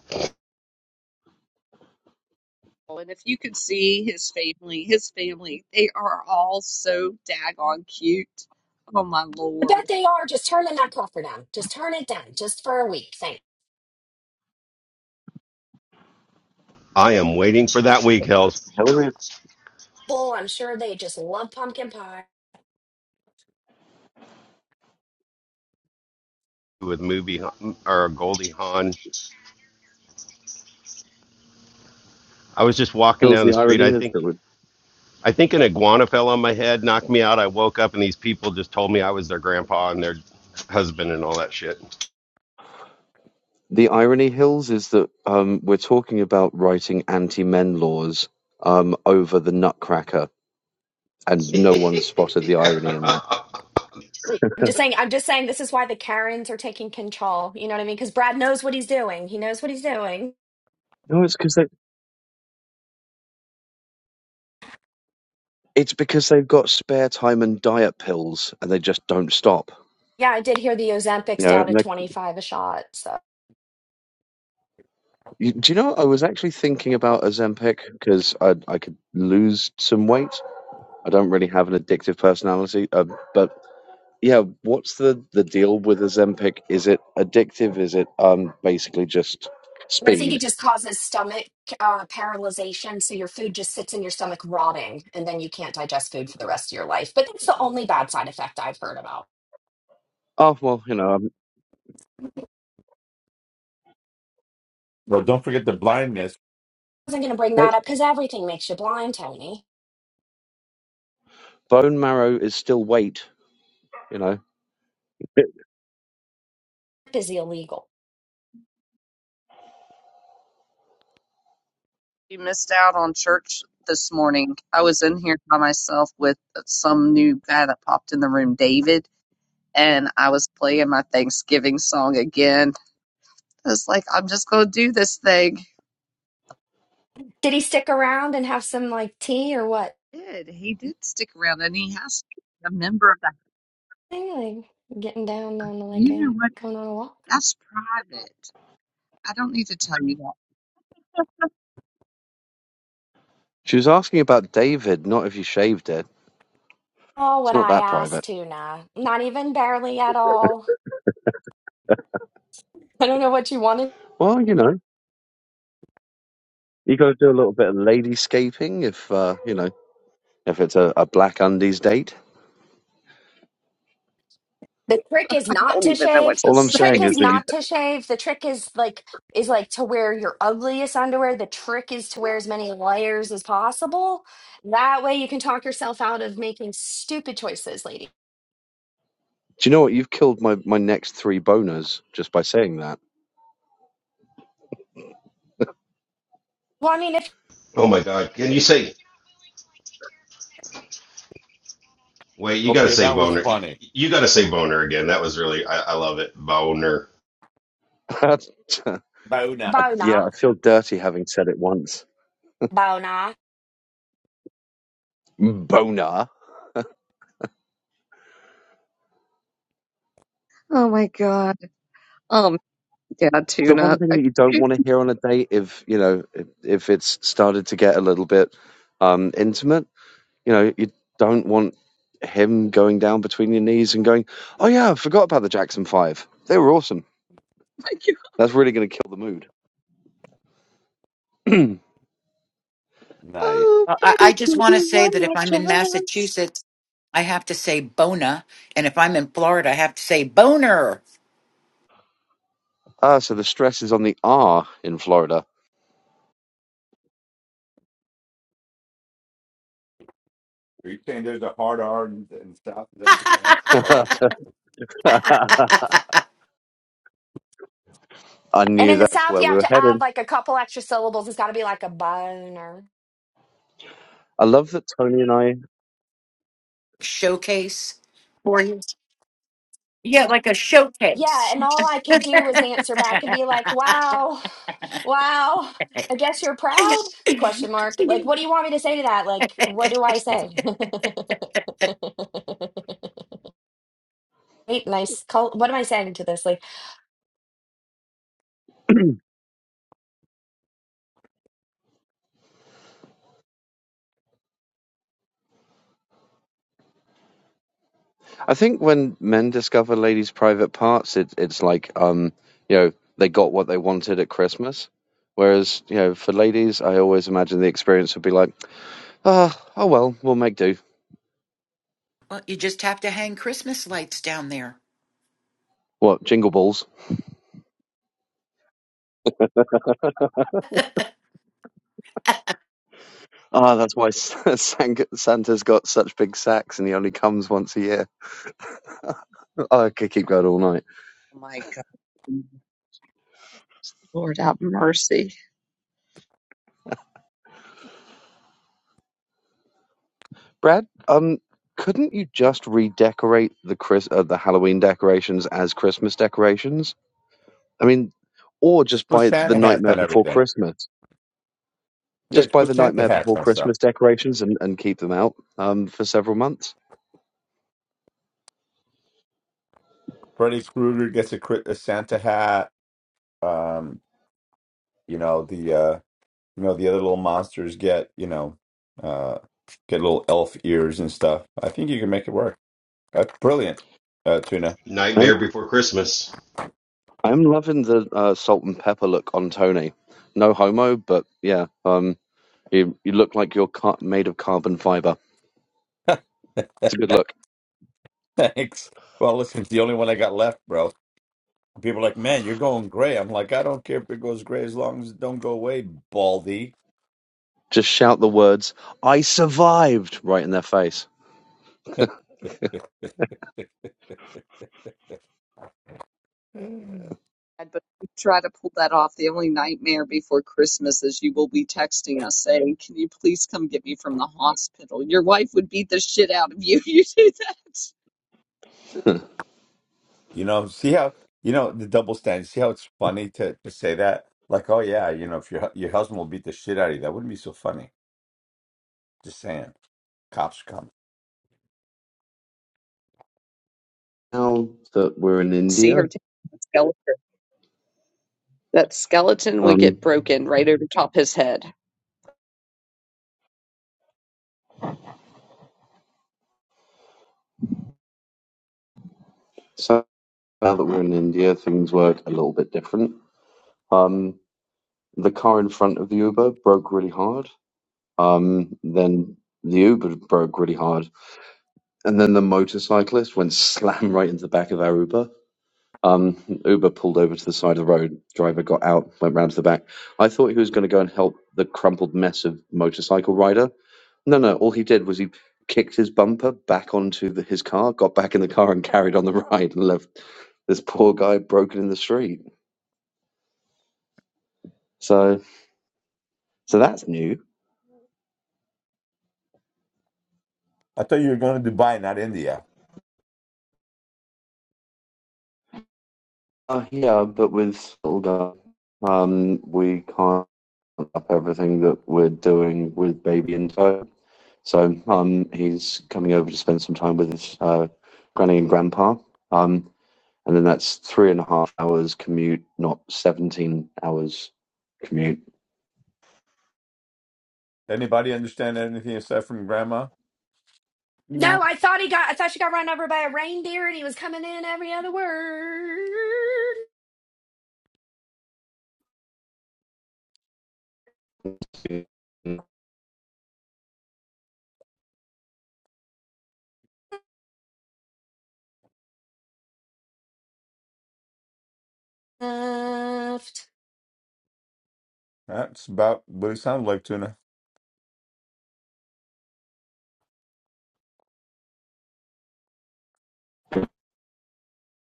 Speaker 1: And if you could see his family, his family, they are all so daggone cute. Oh my
Speaker 6: I bet
Speaker 1: lord.
Speaker 6: they are. Just turn the Nutcracker down. Just turn it down, just for a week. Thank.
Speaker 7: I am waiting for that week, Hells,
Speaker 8: Hillary
Speaker 6: Bull, I'm sure they just love pumpkin pie.
Speaker 7: with movie or Goldie Hawn. I was just walking
Speaker 8: Hills,
Speaker 7: down
Speaker 8: the
Speaker 7: the street.
Speaker 8: irony
Speaker 7: I
Speaker 8: is
Speaker 7: think,
Speaker 8: that we
Speaker 7: I think an iguana fell on my head, knocked me out. I woke up and these people just told me I was their grandpa and their husband and all that shit.
Speaker 8: the irony hills is that um, we're talking about writing anti-men laws um, over the Nutcracker, and no one spotted the irony in that.
Speaker 6: I'm just saying. I'm just saying. This is why the Karens are taking control. You know what I mean? Because Brad knows what he's doing. He knows what he's doing.
Speaker 8: No, it's because they it's because they've got spare time and diet pills, and they just don't stop.
Speaker 6: Yeah, I did hear the
Speaker 8: You
Speaker 6: Ozempic's
Speaker 8: know,
Speaker 6: down
Speaker 8: and
Speaker 6: to
Speaker 8: they,
Speaker 6: 25 a shot. So
Speaker 8: you, do you know? I was actually thinking about Ozempic because I I could lose some weight. I don't really have an addictive personality, uh, but yeah, what's the the deal with Ozempic? Is it addictive? Is it um basically just
Speaker 6: I think it
Speaker 8: speed?
Speaker 6: just causes stomach uh, paralyzation. So your food just sits in your stomach rotting, and then you can't digest food for the rest of your life. But that's the only bad side effect I've heard about.
Speaker 8: Oh well, you know, um,
Speaker 2: Well, don't forget the blindness.
Speaker 6: I wasn't going to bring
Speaker 8: hey,
Speaker 6: that up because everything makes you blind, Tony.
Speaker 8: bone marrow is still weight. You know,
Speaker 6: Hemp Is illegal.
Speaker 1: We missed out on church this morning. I was in here by myself with some new guy that popped in the room, David, and I was playing my Thanksgiving song again. I was like, I'm just going to do this thing.
Speaker 6: Did he stick around and have some like tea or what?
Speaker 1: He Did he did stick around and he has to be a member of that.
Speaker 6: I think, Like getting down on like
Speaker 1: You know
Speaker 6: a
Speaker 1: what?
Speaker 6: going on a walk.
Speaker 1: That's private. I don't need to tell you that.
Speaker 8: she was asking about David, not if you shaved it.
Speaker 6: Oh,
Speaker 8: It's
Speaker 6: what
Speaker 8: not
Speaker 6: I
Speaker 8: that private.
Speaker 6: asked, tuna. Not even barely at all. I don't know what you wanted.
Speaker 8: Well, you know, you got to do a little bit of ladyscaping if uh, you know if it's a, a black undies date.
Speaker 6: The trick is
Speaker 1: I
Speaker 6: not
Speaker 1: don't
Speaker 6: to
Speaker 1: even know what
Speaker 6: shave.
Speaker 1: to
Speaker 8: All I'm
Speaker 6: The trick
Speaker 8: saying
Speaker 1: say.
Speaker 8: is
Speaker 6: is
Speaker 8: that you,
Speaker 6: not
Speaker 8: do
Speaker 6: to shave. The trick is like is like to wear your ugliest underwear. The trick is to wear as many layers as possible. That way you can talk yourself out of making stupid choices, lady.
Speaker 8: you know what? You've killed my my next three boners just by saying that.
Speaker 6: Well, I mean, if
Speaker 7: Oh my God. Can you say? Wait, you got to
Speaker 2: Okay,
Speaker 7: say
Speaker 2: that was
Speaker 7: Boner. You,
Speaker 2: funny.
Speaker 7: you got to say Boner again. That was really, I, I love it. Boner.
Speaker 2: Bauna.
Speaker 8: I, yeah,
Speaker 6: bona,
Speaker 8: I feel dirty having said it once.
Speaker 6: bona.
Speaker 8: boner.
Speaker 1: Oh my god. Um, yeah,
Speaker 8: The one
Speaker 1: tuna.
Speaker 8: thing
Speaker 1: I
Speaker 8: that you don't
Speaker 1: can
Speaker 8: want to hear on a date, if you know, if, if it's started to get a little bit um, intimate, you know, you don't want him going down between your knees and going, "Oh yeah, I forgot about the Jackson Five. They were awesome. That's really going to kill the mood."
Speaker 2: Nice.
Speaker 8: oh,
Speaker 5: Well, I, I
Speaker 8: baby,
Speaker 5: just
Speaker 8: give
Speaker 5: want to
Speaker 8: you
Speaker 5: say
Speaker 8: one
Speaker 5: that if
Speaker 8: more
Speaker 5: I'm in
Speaker 8: chance.
Speaker 5: Massachusetts, I have to say bona, and if I'm in Florida, I have to say boner.
Speaker 8: Ah, so the stress is on the R in Florida.
Speaker 2: Are you saying there's a hard R in, in the South? Is that what you're saying? Hard R?
Speaker 8: I
Speaker 6: And
Speaker 8: knew
Speaker 6: in the
Speaker 8: that's
Speaker 6: South,
Speaker 8: where
Speaker 6: you
Speaker 8: we
Speaker 6: have
Speaker 8: were
Speaker 6: to add
Speaker 8: headed.
Speaker 6: like a couple extra syllables. It's got to be like a boner.
Speaker 8: I love that Tony and I
Speaker 5: Showcase.
Speaker 6: Yeah, and all I could do was answer back and be like, "Wow, wow, I guess you're proud?" Question mark. Like, what do you want me to say to that? Like, what do I say? Wait, nice. Call. What am I saying to this? Like,
Speaker 8: I think when men discover ladies' private parts, it, it's like, um, you know, they got what they wanted at Christmas. Whereas, you know, for ladies, I always imagine the experience would be like, ah, oh well, we'll make do.
Speaker 5: Well, you just have to hang Christmas lights down there.
Speaker 8: What, jingle balls? Ah, that's why Santa's got such big sacks and he only comes once a year. Oh, I could keep going all night.
Speaker 1: Oh my god. Lord, have mercy.
Speaker 8: Brad, um, couldn't you just redecorate the Chris- uh, the Halloween decorations as Christmas decorations? I mean, or just
Speaker 2: Just put
Speaker 8: by the
Speaker 2: Santa hats
Speaker 8: nightmare
Speaker 2: on
Speaker 8: before
Speaker 2: everything.
Speaker 8: Christmas.
Speaker 2: Yeah,
Speaker 8: just
Speaker 2: just
Speaker 8: buy
Speaker 2: put
Speaker 8: the
Speaker 2: Santa
Speaker 8: Nightmare
Speaker 2: hats
Speaker 8: Before
Speaker 2: on stuff.
Speaker 8: Christmas decorations and, and keep them out um, for several months.
Speaker 2: Freddy Krueger gets a, cri- a Santa hat. Um, you know the. Uh, You know, the other little monsters get, you know, uh, get little elf ears and stuff. I think you can make it work. That's brilliant, uh, Tuna.
Speaker 8: I'm
Speaker 7: Nightmare Before Christmas.
Speaker 8: I'm loving the uh, salt and pepper look on Tony. No homo, but yeah, um, you you look like you're car- made of carbon fiber. It's a good look.
Speaker 2: Thanks. Well, listen, it's the only one I got left, bro. People are like, man, you're going gray. I'm like, I don't care if it goes gray as long as it don't go away, Baldy.
Speaker 8: Just shout the words "I survived" right in their face.
Speaker 1: God, But if you try to pull that off. The only nightmare before Christmas is you will be texting us saying, Can you please come get me from the hospital? Your wife would beat the shit out of you you do that.
Speaker 2: You know, see how you know the double standard. See how it's funny to, to say that? Like, oh yeah, you know, if your hu- your husband will beat the shit out of you, that wouldn't be so funny. Just saying. Cops are coming.
Speaker 8: Now that we're in
Speaker 1: See
Speaker 8: India,
Speaker 1: her take That skeleton would
Speaker 8: um,
Speaker 1: get broken right over top his head.
Speaker 8: so now that we're in India, things work a little bit different. Um, the car in front of the Uber broke really hard. Um, then the Uber broke really hard and then the motorcyclist went slam right into the back of our Uber. Um, Uber pulled over to the side of the road. Driver got out, went round to the back. I thought he was going to go and help the crumpled mess of motorcycle rider. No, no. All he did was he kicked his bumper back onto the, his car, got back in the car, and carried on the ride, and left this poor guy broken in the street. So, so that's new.
Speaker 2: I thought you were going to Dubai, not India.
Speaker 8: Uh, yeah, but with little guy, um, we can't. up everything that we're doing with baby in tow. So um, he's coming over to spend some time with his uh, granny and grandpa. Um, and then that's three and a half hours commute, not 17 hours commute.
Speaker 2: Anybody understand anything aside from grandma?
Speaker 5: No,
Speaker 6: no, I thought he got. I thought she got run over by a reindeer, and he was coming in every other word.
Speaker 8: So,
Speaker 6: Left
Speaker 2: That's about what it sounded like, Tuna.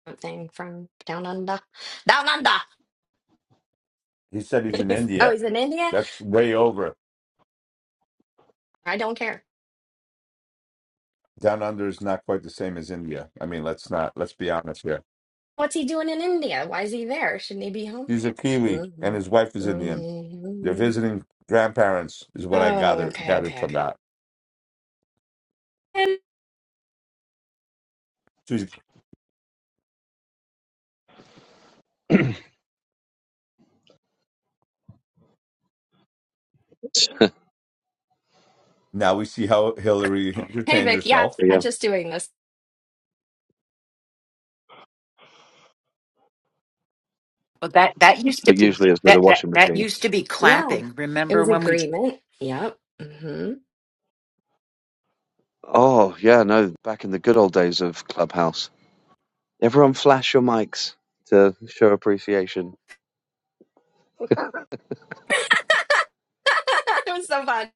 Speaker 6: something from down under. Down under.
Speaker 2: He said he's in
Speaker 6: oh,
Speaker 2: India.
Speaker 6: he's in India.
Speaker 2: That's way over.
Speaker 6: I don't care.
Speaker 2: Down under is not quite the same as India. I mean, let's not, let's be honest here.
Speaker 6: What's he doing in India? Why is he there? Shouldn't he be home?
Speaker 2: He's a Kiwi and
Speaker 6: Mhm.
Speaker 2: his wife is Indian. They're
Speaker 6: Mhm.
Speaker 2: visiting grandparents, is what I
Speaker 6: Oh,
Speaker 2: gather,
Speaker 6: okay,
Speaker 2: gathered
Speaker 6: okay,
Speaker 2: from
Speaker 6: okay.
Speaker 2: that.
Speaker 6: And-
Speaker 2: So he's- now we see how Hillary
Speaker 6: Hey,
Speaker 2: entertains
Speaker 6: Vic. Yeah,
Speaker 2: herself.
Speaker 8: yeah,
Speaker 6: just doing this.
Speaker 5: well that that used to
Speaker 8: but
Speaker 5: be
Speaker 8: usually it's with a
Speaker 5: that that
Speaker 8: washing
Speaker 5: that
Speaker 8: machine.
Speaker 5: used to be
Speaker 6: Yeah,
Speaker 5: clapping.
Speaker 6: it
Speaker 5: Remember
Speaker 6: was
Speaker 5: when we
Speaker 6: agreement. Yep. hmm
Speaker 8: Oh, yeah, no, back in the good old days of Clubhouse. Everyone flash your mics to show appreciation.
Speaker 6: it was so fun.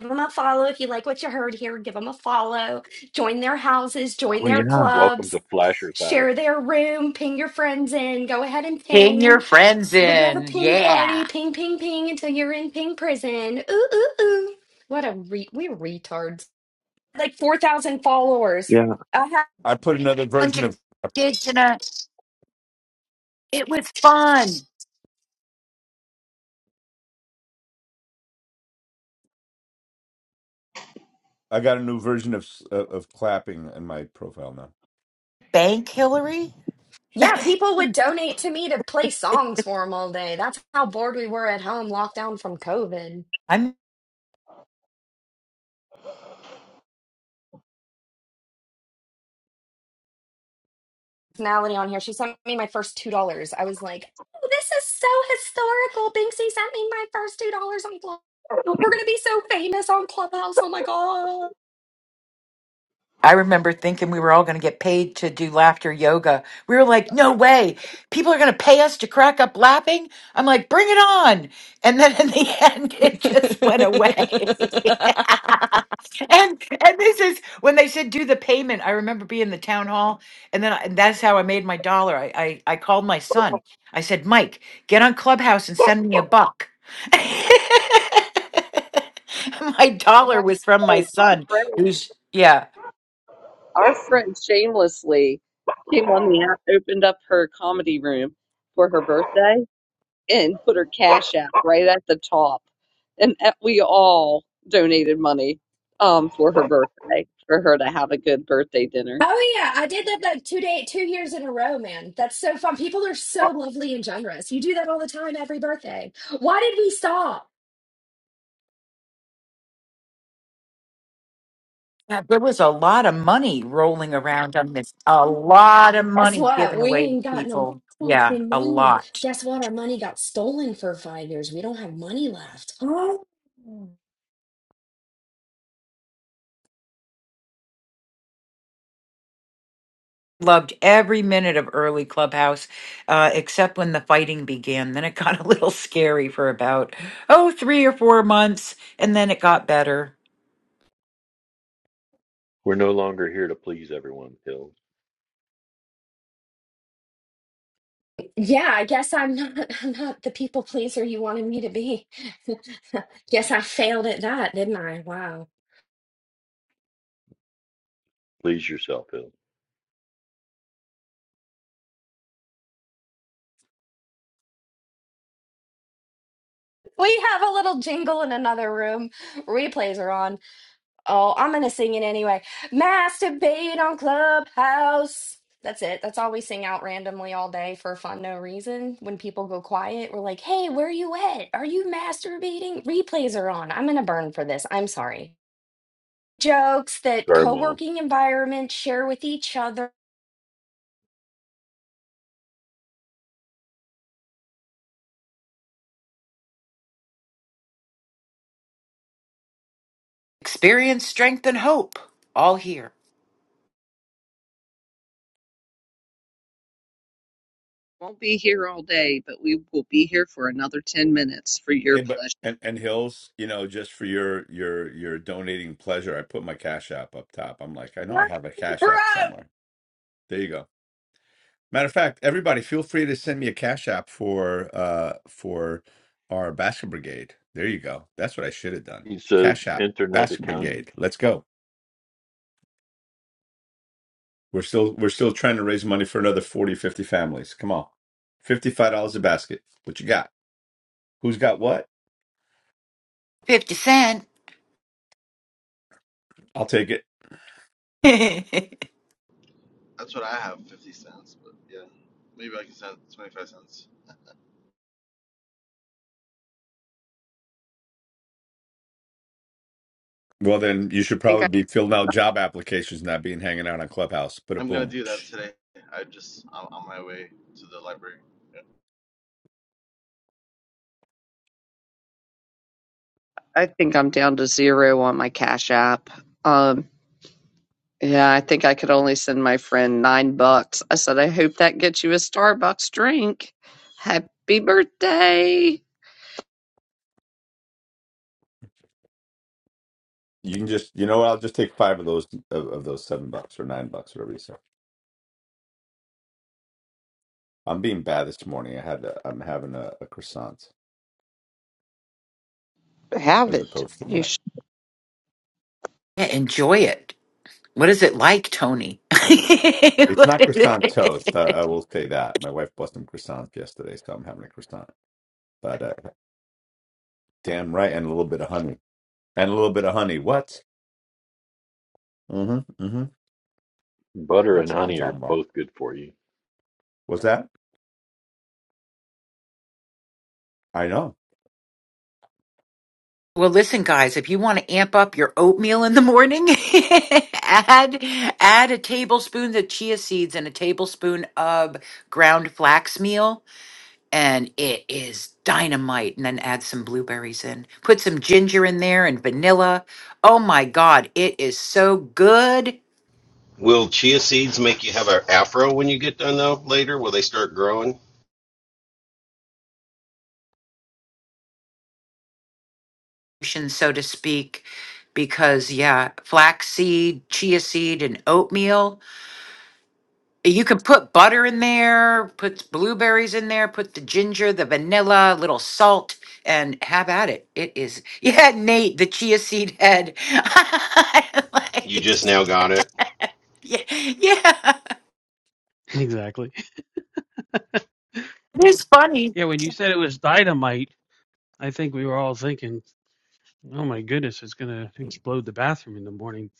Speaker 6: Give them a follow if you like what you heard here. Give them a follow. Join their houses. Join
Speaker 8: Oh,
Speaker 6: their
Speaker 8: yeah.
Speaker 6: clubs.
Speaker 4: to Flasher's House.
Speaker 6: Share their room. Ping your friends in. Go ahead and
Speaker 5: ping
Speaker 6: ping.
Speaker 5: your friends
Speaker 6: We're gonna have a
Speaker 5: in?
Speaker 6: ping party,
Speaker 5: Yeah,
Speaker 6: ping, ping, ping, until you're in ping prison. Ooh, ooh, ooh. What a re- we're retards. Like four thousand followers.
Speaker 8: yeah.
Speaker 6: I ha-
Speaker 2: I put another
Speaker 5: bunch
Speaker 2: version
Speaker 5: of
Speaker 2: of,
Speaker 5: kids in a. It was fun.
Speaker 2: I got a new version of, s- of clapping in my profile now.
Speaker 5: Bank Hillary.
Speaker 6: yeah, people would donate to me to play songs for them all day. That's how bored we were at home, locked down from COVID.
Speaker 5: I'm.
Speaker 6: Personality on here. She sent me my first two dollars. I was like, oh, this is so historical. Binksy sent me my first two dollars on Clubhouse. We're gonna be so famous on Clubhouse. Oh my god.
Speaker 5: I remember thinking we were all going to get paid to do laughter yoga. We were like, no way. People are going to pay us to crack up laughing. I'm like, bring it on. And then in the end, it just went away. and and this is when they said do the payment. I remember being in the town hall, and then I, and that's how I made my dollar. I, I I called my son. I said, Mike, get on Clubhouse and send me a buck. my
Speaker 1: I have
Speaker 5: dollar was from
Speaker 1: to
Speaker 5: my
Speaker 1: say, our
Speaker 5: son,
Speaker 1: friend,
Speaker 5: who's yeah.
Speaker 1: our friend shamelessly came on the app, opened up her comedy room for her birthday, and put her cash app right at the top. And that- we all donated money um, for her birthday, for her to have a good birthday dinner.
Speaker 6: Oh yeah, I did that like two day, two years in a row, man. That's so fun. People are so lovely and generous. You do that all the time, every birthday. Why did we stop?
Speaker 5: Yeah, there was a lot of money rolling around on this. A lot of
Speaker 6: Guess
Speaker 5: money
Speaker 6: what?
Speaker 5: given
Speaker 6: We
Speaker 5: away to
Speaker 6: ain't got no
Speaker 5: people. Yeah,
Speaker 6: fucking
Speaker 5: a
Speaker 6: money.
Speaker 5: lot.
Speaker 6: Guess what? Our money got stolen for five years. We don't have money left. Oh.
Speaker 5: Loved every minute of early Clubhouse, uh, except when the fighting began. Then it got a little scary for about, oh, three or four months, and then it got better.
Speaker 4: We're no longer here to please everyone, Hill.
Speaker 6: Yeah, I guess I'm not. I'm not the people pleaser you wanted me to be. Guess I failed at that, didn't I? Wow.
Speaker 4: Please yourself, Hill.
Speaker 6: We have a little jingle in another room. Replays are on. Oh, I'm gonna sing it anyway. Masturbate on Clubhouse. That's it. That's all we sing out randomly all day for fun, no reason. When people go quiet, we're like, hey, where you at? Are you masturbating? Replays are on. I'm gonna burn for this. I'm sorry. Jokes that
Speaker 4: Sorry,
Speaker 6: co
Speaker 4: Mom.
Speaker 6: working environments share with each other.
Speaker 5: Experience, strength, and hope, all here.
Speaker 1: Won't be here all day, but we will be here for another 10 minutes for your
Speaker 2: Hey, but
Speaker 1: pleasure.
Speaker 2: and and Hills, you know, just for your your your donating pleasure, I put my Cash App up top. I'm like, I know I have a Cash App somewhere. There you go. Matter of fact, everybody, feel free to send me a Cash App for uh for our basket brigade. There you go. That's what I should have done.
Speaker 4: He says
Speaker 2: Cash App,
Speaker 4: internet
Speaker 2: basket
Speaker 4: accounting,
Speaker 2: brigade. Let's go. We're still we're still trying to raise money for another 40 50 families. Come on. $55 a basket. What you got? Who's got what?
Speaker 5: 50 Cent.
Speaker 2: I'll take it.
Speaker 5: yeah,
Speaker 9: That's what I have, 50 cents. But yeah, maybe I can send 25 cents.
Speaker 2: Well, then you should probably be filling out job applications, not being hanging out on Clubhouse. Put a
Speaker 9: I'm gonna
Speaker 2: boom.
Speaker 9: do that
Speaker 2: Psh.
Speaker 9: today. I just I'm on my way to the library. Yeah.
Speaker 1: I think I'm down to zero on my Cash App. Um, yeah, I think I could only send my friend nine bucks. I said, I hope that gets you a Starbucks drink. Happy birthday.
Speaker 2: You can just, you know what? I'll just take five of those of, of those seven bucks or nine bucks, whatever you say. I'm being bad this morning. I had, a, I'm having a, a croissant
Speaker 1: Have
Speaker 2: as
Speaker 1: it.
Speaker 2: opposed to my.
Speaker 1: You should.
Speaker 5: enjoy it. What is it like, Tony?
Speaker 2: It's
Speaker 5: What
Speaker 2: not
Speaker 5: is
Speaker 2: croissant toast.
Speaker 5: it?
Speaker 2: I, I will say that. My wife bought some croissants yesterday, so I'm having a croissant. But uh, damn right, and a little bit of honey, and a little bit of honey. What? Mm-hmm. Mm-hmm.
Speaker 4: butter and
Speaker 2: That's what I'm
Speaker 4: honey
Speaker 2: talking
Speaker 4: are
Speaker 2: about.
Speaker 4: both good for you.
Speaker 2: What's that? I know.
Speaker 5: Well, listen, guys, if you want to amp up your oatmeal in the morning, add add a tablespoon of chia seeds and a tablespoon of ground flax meal, and it is dynamite. And then add some blueberries in. Put some ginger in there and vanilla. Oh my God, it is so good,
Speaker 7: Will chia seeds make you have an afro when you get done, though, later? Will they start growing?
Speaker 5: so to speak, because yeah, flax seed, chia seed, and oatmeal. You could put butter in there, put blueberries in there, put the ginger, the vanilla, little salt, and have at it. It is, yeah, Nate, the chia seed head.
Speaker 7: You
Speaker 5: Like,
Speaker 7: just now got it.
Speaker 5: yeah, yeah.
Speaker 10: Exactly. Yeah, when you said it was dynamite, I think we were all thinking, "Oh my goodness, it's gonna explode the bathroom in the morning."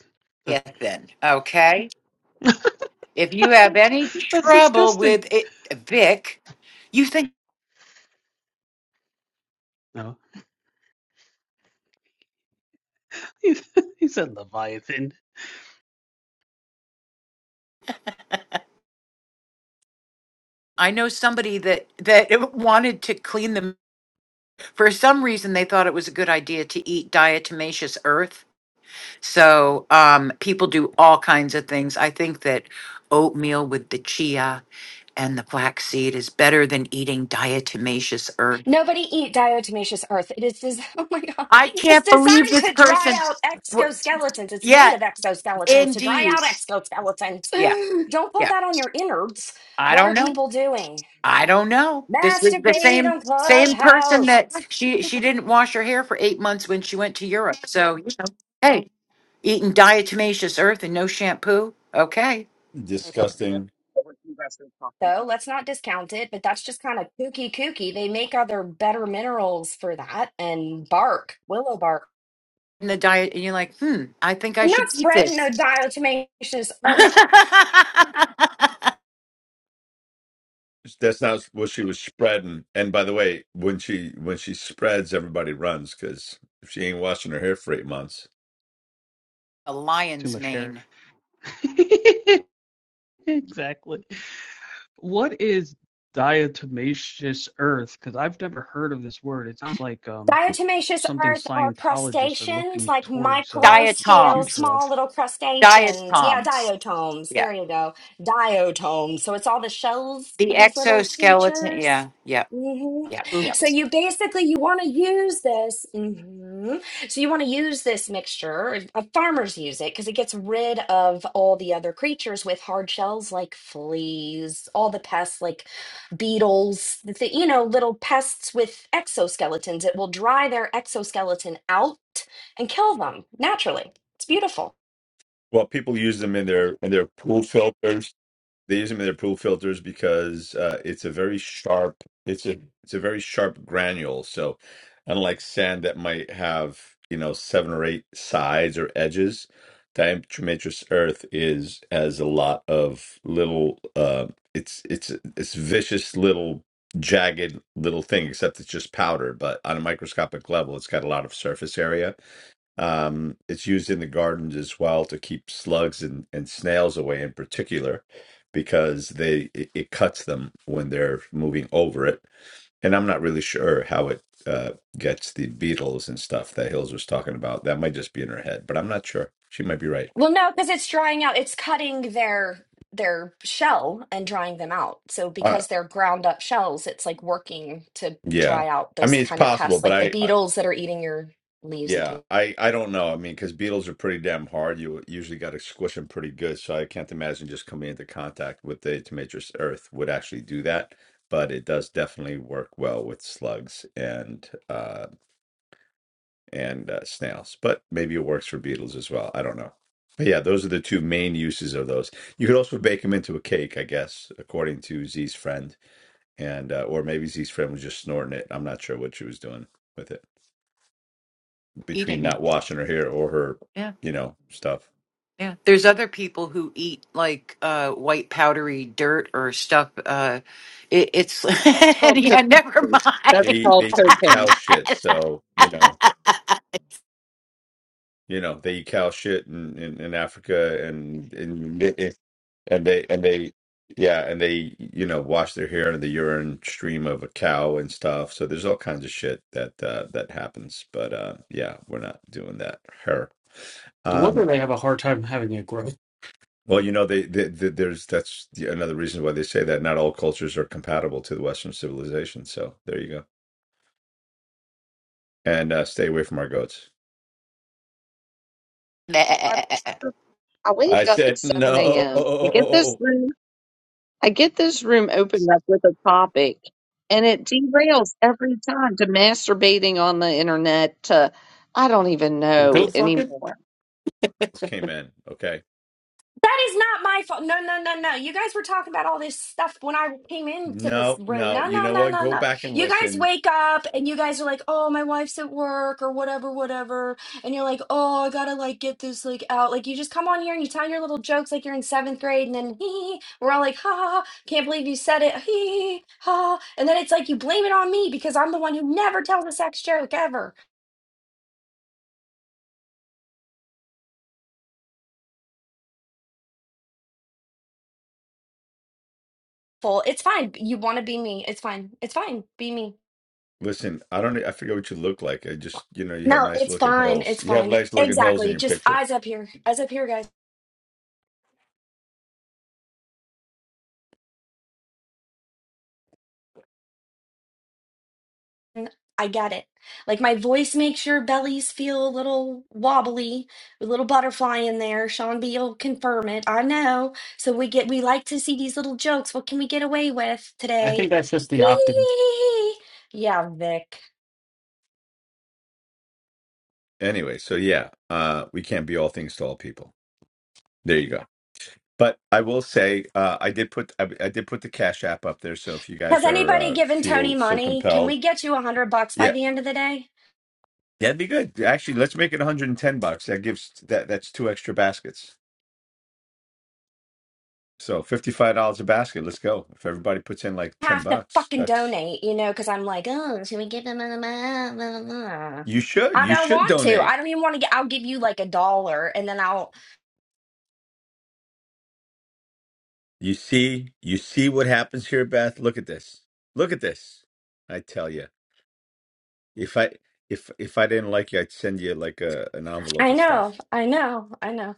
Speaker 10: That,
Speaker 5: Yeah, then, okay. If you have any
Speaker 10: that's
Speaker 5: trouble
Speaker 10: disgusting.
Speaker 5: with it, Vic, you think
Speaker 10: No, he, said Leviathan.
Speaker 5: I know somebody that that wanted to clean them for some reason they thought it was a good idea to eat diatomaceous earth So um, people do all kinds of things. I think that oatmeal with the chia and the flaxseed is better than eating diatomaceous earth.
Speaker 6: Nobody eat diatomaceous earth. It is des- oh my god.
Speaker 5: I
Speaker 6: It's
Speaker 5: can't believe
Speaker 6: designed
Speaker 5: this
Speaker 6: to dry
Speaker 5: person.
Speaker 6: out
Speaker 5: wa-
Speaker 6: exoskeletons. It's made
Speaker 5: Yeah,
Speaker 6: of exoskeletons to dry
Speaker 5: indeed.
Speaker 6: out exoskeletons.
Speaker 5: Yeah,
Speaker 6: Don't put
Speaker 5: yeah.
Speaker 6: that on your innards.
Speaker 5: I
Speaker 6: What
Speaker 5: don't
Speaker 6: are
Speaker 5: know.
Speaker 6: people doing?
Speaker 5: I don't know. This is the
Speaker 6: Masturbate
Speaker 5: same
Speaker 6: on
Speaker 5: same person
Speaker 6: Clubhouse.
Speaker 5: that she she didn't wash her hair for eight months when she went to Europe. So hey, eating diatomaceous earth and no shampoo. Okay,
Speaker 1: I have no idea
Speaker 2: Disgusting.
Speaker 1: what you guys are talking about.
Speaker 6: So let's not discount it, but that's just kind of kooky kooky. They make other better minerals for that and bark, willow bark.
Speaker 5: in the diet, and you're like, hmm. I think I
Speaker 6: I'm not
Speaker 5: should eat
Speaker 6: spreading no
Speaker 5: this.
Speaker 6: diatomaceous earth.
Speaker 5: a
Speaker 2: that's not what she was spreading. And by the way, when she when she spreads, everybody runs because if she ain't washing her hair for eight months,
Speaker 10: Too
Speaker 5: lion's
Speaker 10: much hair.
Speaker 5: mane.
Speaker 10: exactly. What is diatomaceous earth? Because I've never heard of this word. It sounds like um,
Speaker 6: Diatomaceous
Speaker 10: something
Speaker 6: earth are
Speaker 10: Scientologists are
Speaker 6: crustaceans,
Speaker 10: looking
Speaker 6: like
Speaker 10: towards uh,
Speaker 6: micro
Speaker 10: the
Speaker 6: scale,
Speaker 5: Diatoms.
Speaker 10: future of.
Speaker 6: small little crustaceans. Yeah,
Speaker 5: Diatoms.
Speaker 6: diatoms.
Speaker 5: Yeah.
Speaker 6: There you go. Diatoms. So it's all the shells
Speaker 5: The
Speaker 6: of these little
Speaker 5: exoskeleton. Yeah.
Speaker 6: creatures.
Speaker 5: Yeah.
Speaker 6: hmm
Speaker 5: Yeah.
Speaker 10: Those
Speaker 5: Yeah.
Speaker 6: So you basically you want to use this. hmm So you want to use this mixture. Uh, Farmers use it because it gets rid of all the other creatures with hard shells like fleas, all the pests like beetles, the thi- you know, little pests with exoskeletons. It will dry their exoskeleton out and kill them naturally. It's beautiful.
Speaker 2: well, people use them in their in their pool filters. They use them in their pool filters because uh, it's a very sharp. It's a it's a very sharp granule. So, unlike sand that might have you know seven or eight sides or edges, diatomaceous earth is has a lot of little. Uh, it's it's it's vicious little jagged little thing. Except it's just powder. But on a microscopic level, it's got a lot of surface area um, it's used in the gardens as well to keep slugs and, and snails away in particular because they it, it cuts them when they're moving over it. And I'm not really sure how it uh, gets the beetles and stuff that Hills was talking about. That might just be in her head, but I'm not sure. She might be right.
Speaker 6: Well, no, because it's drying out. It's cutting their their shell and drying them out. So
Speaker 2: Uh,
Speaker 6: because they're ground up shells, it's like working to
Speaker 2: yeah.
Speaker 6: dry out
Speaker 2: I
Speaker 6: those
Speaker 2: mean, it's
Speaker 6: kind of
Speaker 2: possible,
Speaker 6: pests,
Speaker 2: but
Speaker 6: like the
Speaker 2: I,
Speaker 6: beetles that are eating your leaves and things.
Speaker 2: Yeah, I I don't know. I mean, because beetles are pretty damn hard. You usually got to squish them pretty good. So I can't imagine just coming into contact with the intermatrix earth would actually do that. But it does definitely work well with slugs and uh and uh, snails. But maybe it works for beetles as well. I don't know. But yeah, those are the two main uses of those. You could also bake them into a cake, I guess, according to Z's friend, and uh, or maybe Z's friend was just snorting it. I'm not sure what she was doing with it.
Speaker 5: Eating
Speaker 2: between not
Speaker 5: them.
Speaker 2: washing her hair or her,
Speaker 5: Yeah.
Speaker 2: you know, stuff.
Speaker 5: Yeah. There's other people who eat like uh, white powdery dirt or stuff. Uh, it, it's.
Speaker 1: It's called
Speaker 5: yeah, never
Speaker 1: cocaine.
Speaker 5: mind.
Speaker 1: That's
Speaker 2: They eat,
Speaker 1: called
Speaker 2: they eat cow
Speaker 1: cocaine.
Speaker 2: shit, so you know, you know, they eat cow shit in, in, in Africa, and and they- eh, and they and they yeah, and they you know wash their hair in the urine stream of a cow and stuff. So there's all kinds of shit that uh, that happens, but uh, yeah, we're not doing that. Her.
Speaker 10: No
Speaker 2: Um,
Speaker 10: wonder they have a hard time having a growth.
Speaker 2: well, you know, they, they, they, there's that's another reason why they say that not all cultures are compatible to the Western civilization. So there you go. and uh, stay away from our goats.
Speaker 5: Nah.
Speaker 1: So I, I
Speaker 2: I
Speaker 1: wake up at
Speaker 2: said,
Speaker 1: 7
Speaker 2: no,
Speaker 1: a.m. I get this room, I get this room opened up with a topic, and it derails every time to masturbating on the internet to I don't even know
Speaker 10: Go fuck it.
Speaker 1: anymore.
Speaker 2: came in. Okay.
Speaker 6: That is not my fault. No, no, no, no. You guys were talking about all this stuff when I came into this
Speaker 2: No,
Speaker 6: room.
Speaker 2: no.
Speaker 6: No,
Speaker 2: You
Speaker 6: no,
Speaker 2: know
Speaker 6: no,
Speaker 2: what?
Speaker 6: no,
Speaker 2: Go
Speaker 6: no.
Speaker 2: back and
Speaker 6: You guys
Speaker 2: listen.
Speaker 6: wake up and you guys are like, oh, my wife's at work or whatever, whatever. And you're like, oh, I gotta like get this like out. Like you just come on here and you tell your little jokes like you're in seventh grade and then hee, we're all like, ha, ha, ha, can't believe you said it. Hee, ha. And then it's like you blame it on me because I'm the one who never tells a sex joke ever. Full. It's fine. You want to be me. It's fine. It's fine. Be me.
Speaker 2: Listen, I don't, e, I forget what you look like. I just, you know, you have
Speaker 6: No,
Speaker 2: nice
Speaker 6: it's
Speaker 2: looking
Speaker 6: fine.
Speaker 2: hills.
Speaker 6: It's
Speaker 2: You have
Speaker 6: fine.
Speaker 2: nice looking hills in
Speaker 6: Exactly.
Speaker 2: your
Speaker 6: Just
Speaker 2: picture.
Speaker 6: eyes up here. Eyes up here, guys. I get it. Like my voice makes your bellies feel a little wobbly, a little butterfly in there. Sean B will confirm it. I know. So we get we like to see these little jokes. What can we get away with
Speaker 10: I think
Speaker 6: today?
Speaker 10: that's just the octave.
Speaker 6: Hee. yeah, Vic.
Speaker 2: anyway, so yeah, uh, we can't be all things to all people. There you go. But I will say, uh, I did put I, I did put the Cash App up there. So if you
Speaker 6: Has
Speaker 2: guys are
Speaker 6: anybody
Speaker 2: uh,
Speaker 6: given Tony
Speaker 2: feel so
Speaker 6: money? Can
Speaker 2: compelled,
Speaker 6: we get you a hundred bucks by
Speaker 2: yeah,
Speaker 6: the end of the day?
Speaker 2: that'd be good. Actually, let's make it 110 bucks. That gives that that's two extra baskets. So $55 a basket. Let's go. If everybody puts in like 10
Speaker 6: have to
Speaker 2: bucks,
Speaker 6: fucking
Speaker 2: that's
Speaker 6: donate, you know, because I'm like, oh, should we give them a blah, blah, blah?"
Speaker 2: you should
Speaker 6: I
Speaker 2: you
Speaker 6: don't
Speaker 2: should
Speaker 6: want to.
Speaker 2: donate.
Speaker 6: I don't even want to get, I'll give you like a dollar and then I'll,
Speaker 2: You see you see what happens here, Beth. Look at this. Look at this. I tell you. If I if if I didn't like you, I'd send you like a an envelope
Speaker 6: I
Speaker 2: of
Speaker 6: know,
Speaker 2: stuff.
Speaker 6: I know, I know.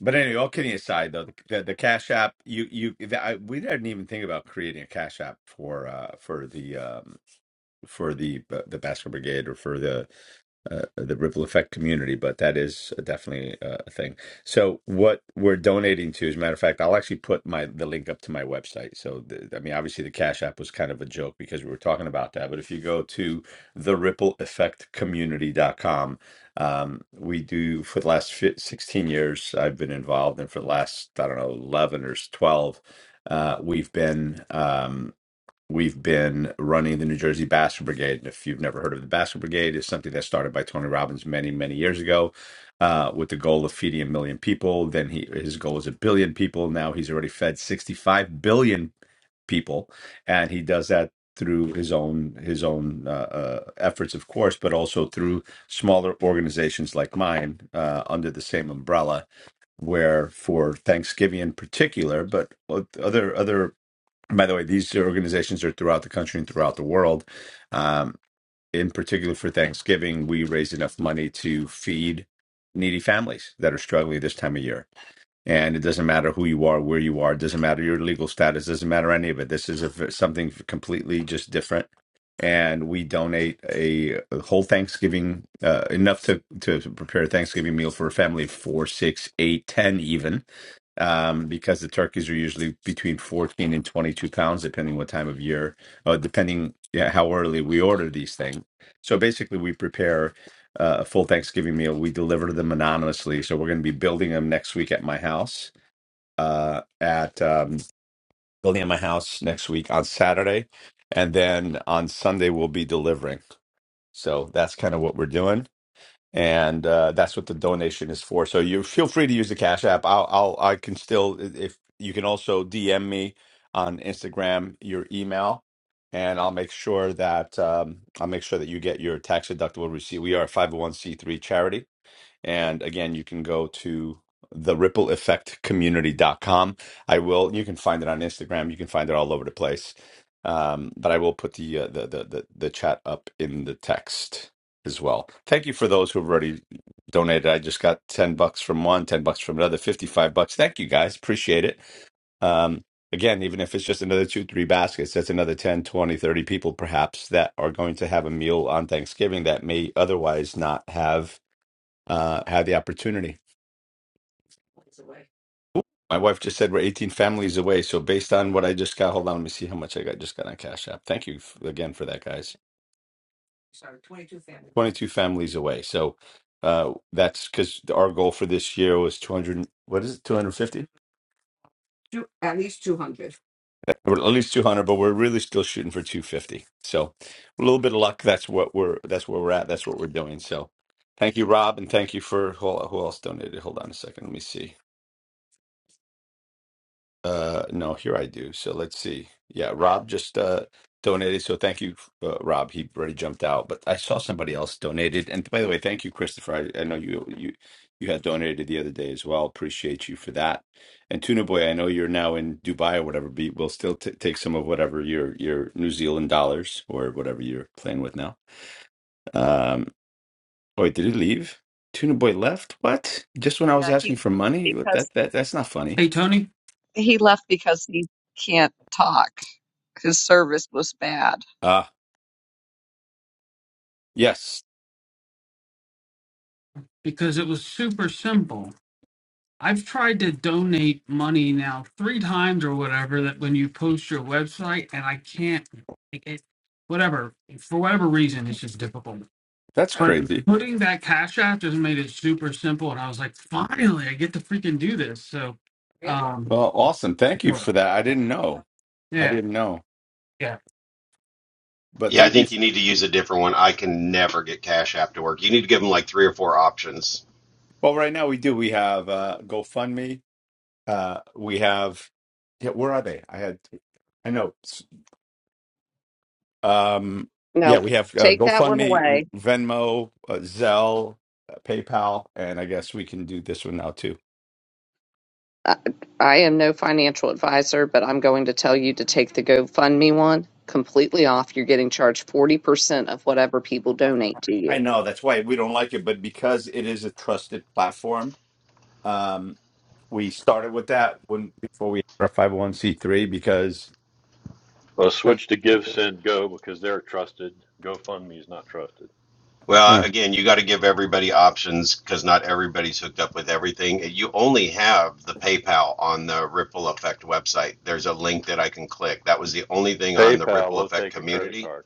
Speaker 2: But anyway, all kidding aside, though, the the, the Cash App, you you the, I, we didn't even think about creating a Cash App for uh for the um for the uh, the Basket Brigade or for the uh, the ripple effect community, but that is definitely uh, a thing. So what we're donating to, as a matter of fact, I'll actually put my the link up to my website. So the, I mean, obviously the Cash App was kind of a joke because we were talking about that, but if you go to the ripple effect Community community.com, um, we do for the last fi 16 years I've been involved, and for the last I don't know 11 or 12, uh, we've been. Um, We've been running the New Jersey Basket Brigade. And if you've never heard of the Basket Brigade, it's something that started by Tony Robbins many, many years ago uh, with the goal of feeding a million people. Then he, his goal is a billion people. Now he's already fed 65 billion people. And he does that through his own his own uh, uh, efforts, of course, but also through smaller organizations like mine uh, under the same umbrella where for Thanksgiving in particular, but other other by the way, these organizations are throughout the country and throughout the world. Um, in particular, for Thanksgiving, we raised enough money to feed needy families that are struggling this time of year. And it doesn't matter who you are, where you are, it doesn't matter your legal status, doesn't matter any of it. This is a, something completely just different. And we donate a, a whole Thanksgiving, uh, enough to, to prepare a Thanksgiving meal for a family of four, six, eight, ten, even, um, because the turkeys are usually between 14 and 22 pounds, depending what time of year, uh, depending yeah, how early we order these things. So basically, we prepare uh, a full Thanksgiving meal. We deliver them anonymously, so we're going to be building them next week at my house. Uh, at um, building at my house next week on Saturday, and then on Sunday we'll be delivering. So that's kind of what we're doing, and uh, that's what the donation is for. So you feel free to use the Cash App. I'll, I'll I can still if you can also DM me on Instagram your email. And I'll make sure that um, I'll make sure that you get your tax deductible receipt. We are a 501c3 charity, and again, you can go to the ripple effect community dot com. I will, you can find it on Instagram. You can find it all over the place. Um, but I will put the, uh, the, the, the, the chat up in the text as well. Thank you for those who've already donated. I just got 10 bucks from one, 10 bucks from another, 55 bucks. Thank you guys. Appreciate it. Um, again, even if it's just another two, three baskets, that's another 10 20 30 people perhaps that are going to have a meal on Thanksgiving that may otherwise not have uh, had the opportunity. Ooh, My wife just said we're 18 families away. So based on what I just got, hold on, let me see how much I got. Just got on Cash App. Thank you f- again for that, guys. 22 families away. So uh, that's because our goal for this year was 200. What is it? 250? Or at least 200, but we're really still shooting for 250. So a little bit of luck. That's what we're. That's where we're at. That's what we're doing. So thank you, Rob, and thank you for who, who else donated. Hold on a second. Let me see. Uh, no, here I do. So let's see. Yeah, Rob just uh donated. So thank you, uh, Rob. He already jumped out, but I saw somebody else donated. And by the way, thank you, Christopher. I, I know you you you had donated the other day as well. Appreciate you for that. And Tuna Boy, I know you're now in Dubai or whatever. Be we'll still t take some of whatever your your New Zealand dollars or whatever you're playing with now. Um, oh, wait, did he leave? Tuna Boy left? What? Just when I was
Speaker 1: Yeah, he
Speaker 2: asking for money? That
Speaker 1: because
Speaker 2: that that's not funny.
Speaker 10: Hey, Tony,
Speaker 1: he left because he can't talk. His service was bad.
Speaker 2: Uh yes,
Speaker 10: because it was super simple. I've tried to donate money now three times or whatever that when you post your website and I can't like it whatever for whatever reason it's just difficult.
Speaker 2: that's
Speaker 10: But
Speaker 2: crazy.
Speaker 10: putting that cash app just made it super simple and I was like, finally I get to freaking do this. So um
Speaker 2: Well, awesome. Thank you
Speaker 10: yeah,
Speaker 2: for that. I didn't know. I
Speaker 10: yeah.
Speaker 2: didn't know.
Speaker 10: yeah.
Speaker 2: But
Speaker 7: Yeah, I
Speaker 2: thank you.
Speaker 7: think you need to use a different one. I can never get Cash App to work. You need to give them like three or four options.
Speaker 2: Well, right now we do. We have uh GoFundMe. Uh we have yeah, where are they? I had I know. S- Um yeah,
Speaker 1: No,
Speaker 2: we have uh,
Speaker 1: take that one away.
Speaker 2: GoFundMe, Venmo, uh, Zelle, uh, PayPal, and I guess we can do this one now too.
Speaker 1: I I am no financial advisor, but I'm going to tell you to take the GoFundMe one completely off. You're getting charged 40% of whatever people donate to you.
Speaker 2: I know that's why we don't like it, but because it is a trusted platform, um we started with that when before we had our 501c3 because
Speaker 4: I'll switch to Give, Send, Go because they're trusted. GoFundMe is not trusted.
Speaker 7: Well, again, you got to give everybody options because not everybody's hooked up with everything. You only have the PayPal on the Ripple Effect website. There's a link that I can click. That was the only thing on the
Speaker 4: PayPal
Speaker 7: Ripple
Speaker 4: will
Speaker 7: Effect
Speaker 4: take a credit
Speaker 7: community.
Speaker 4: card.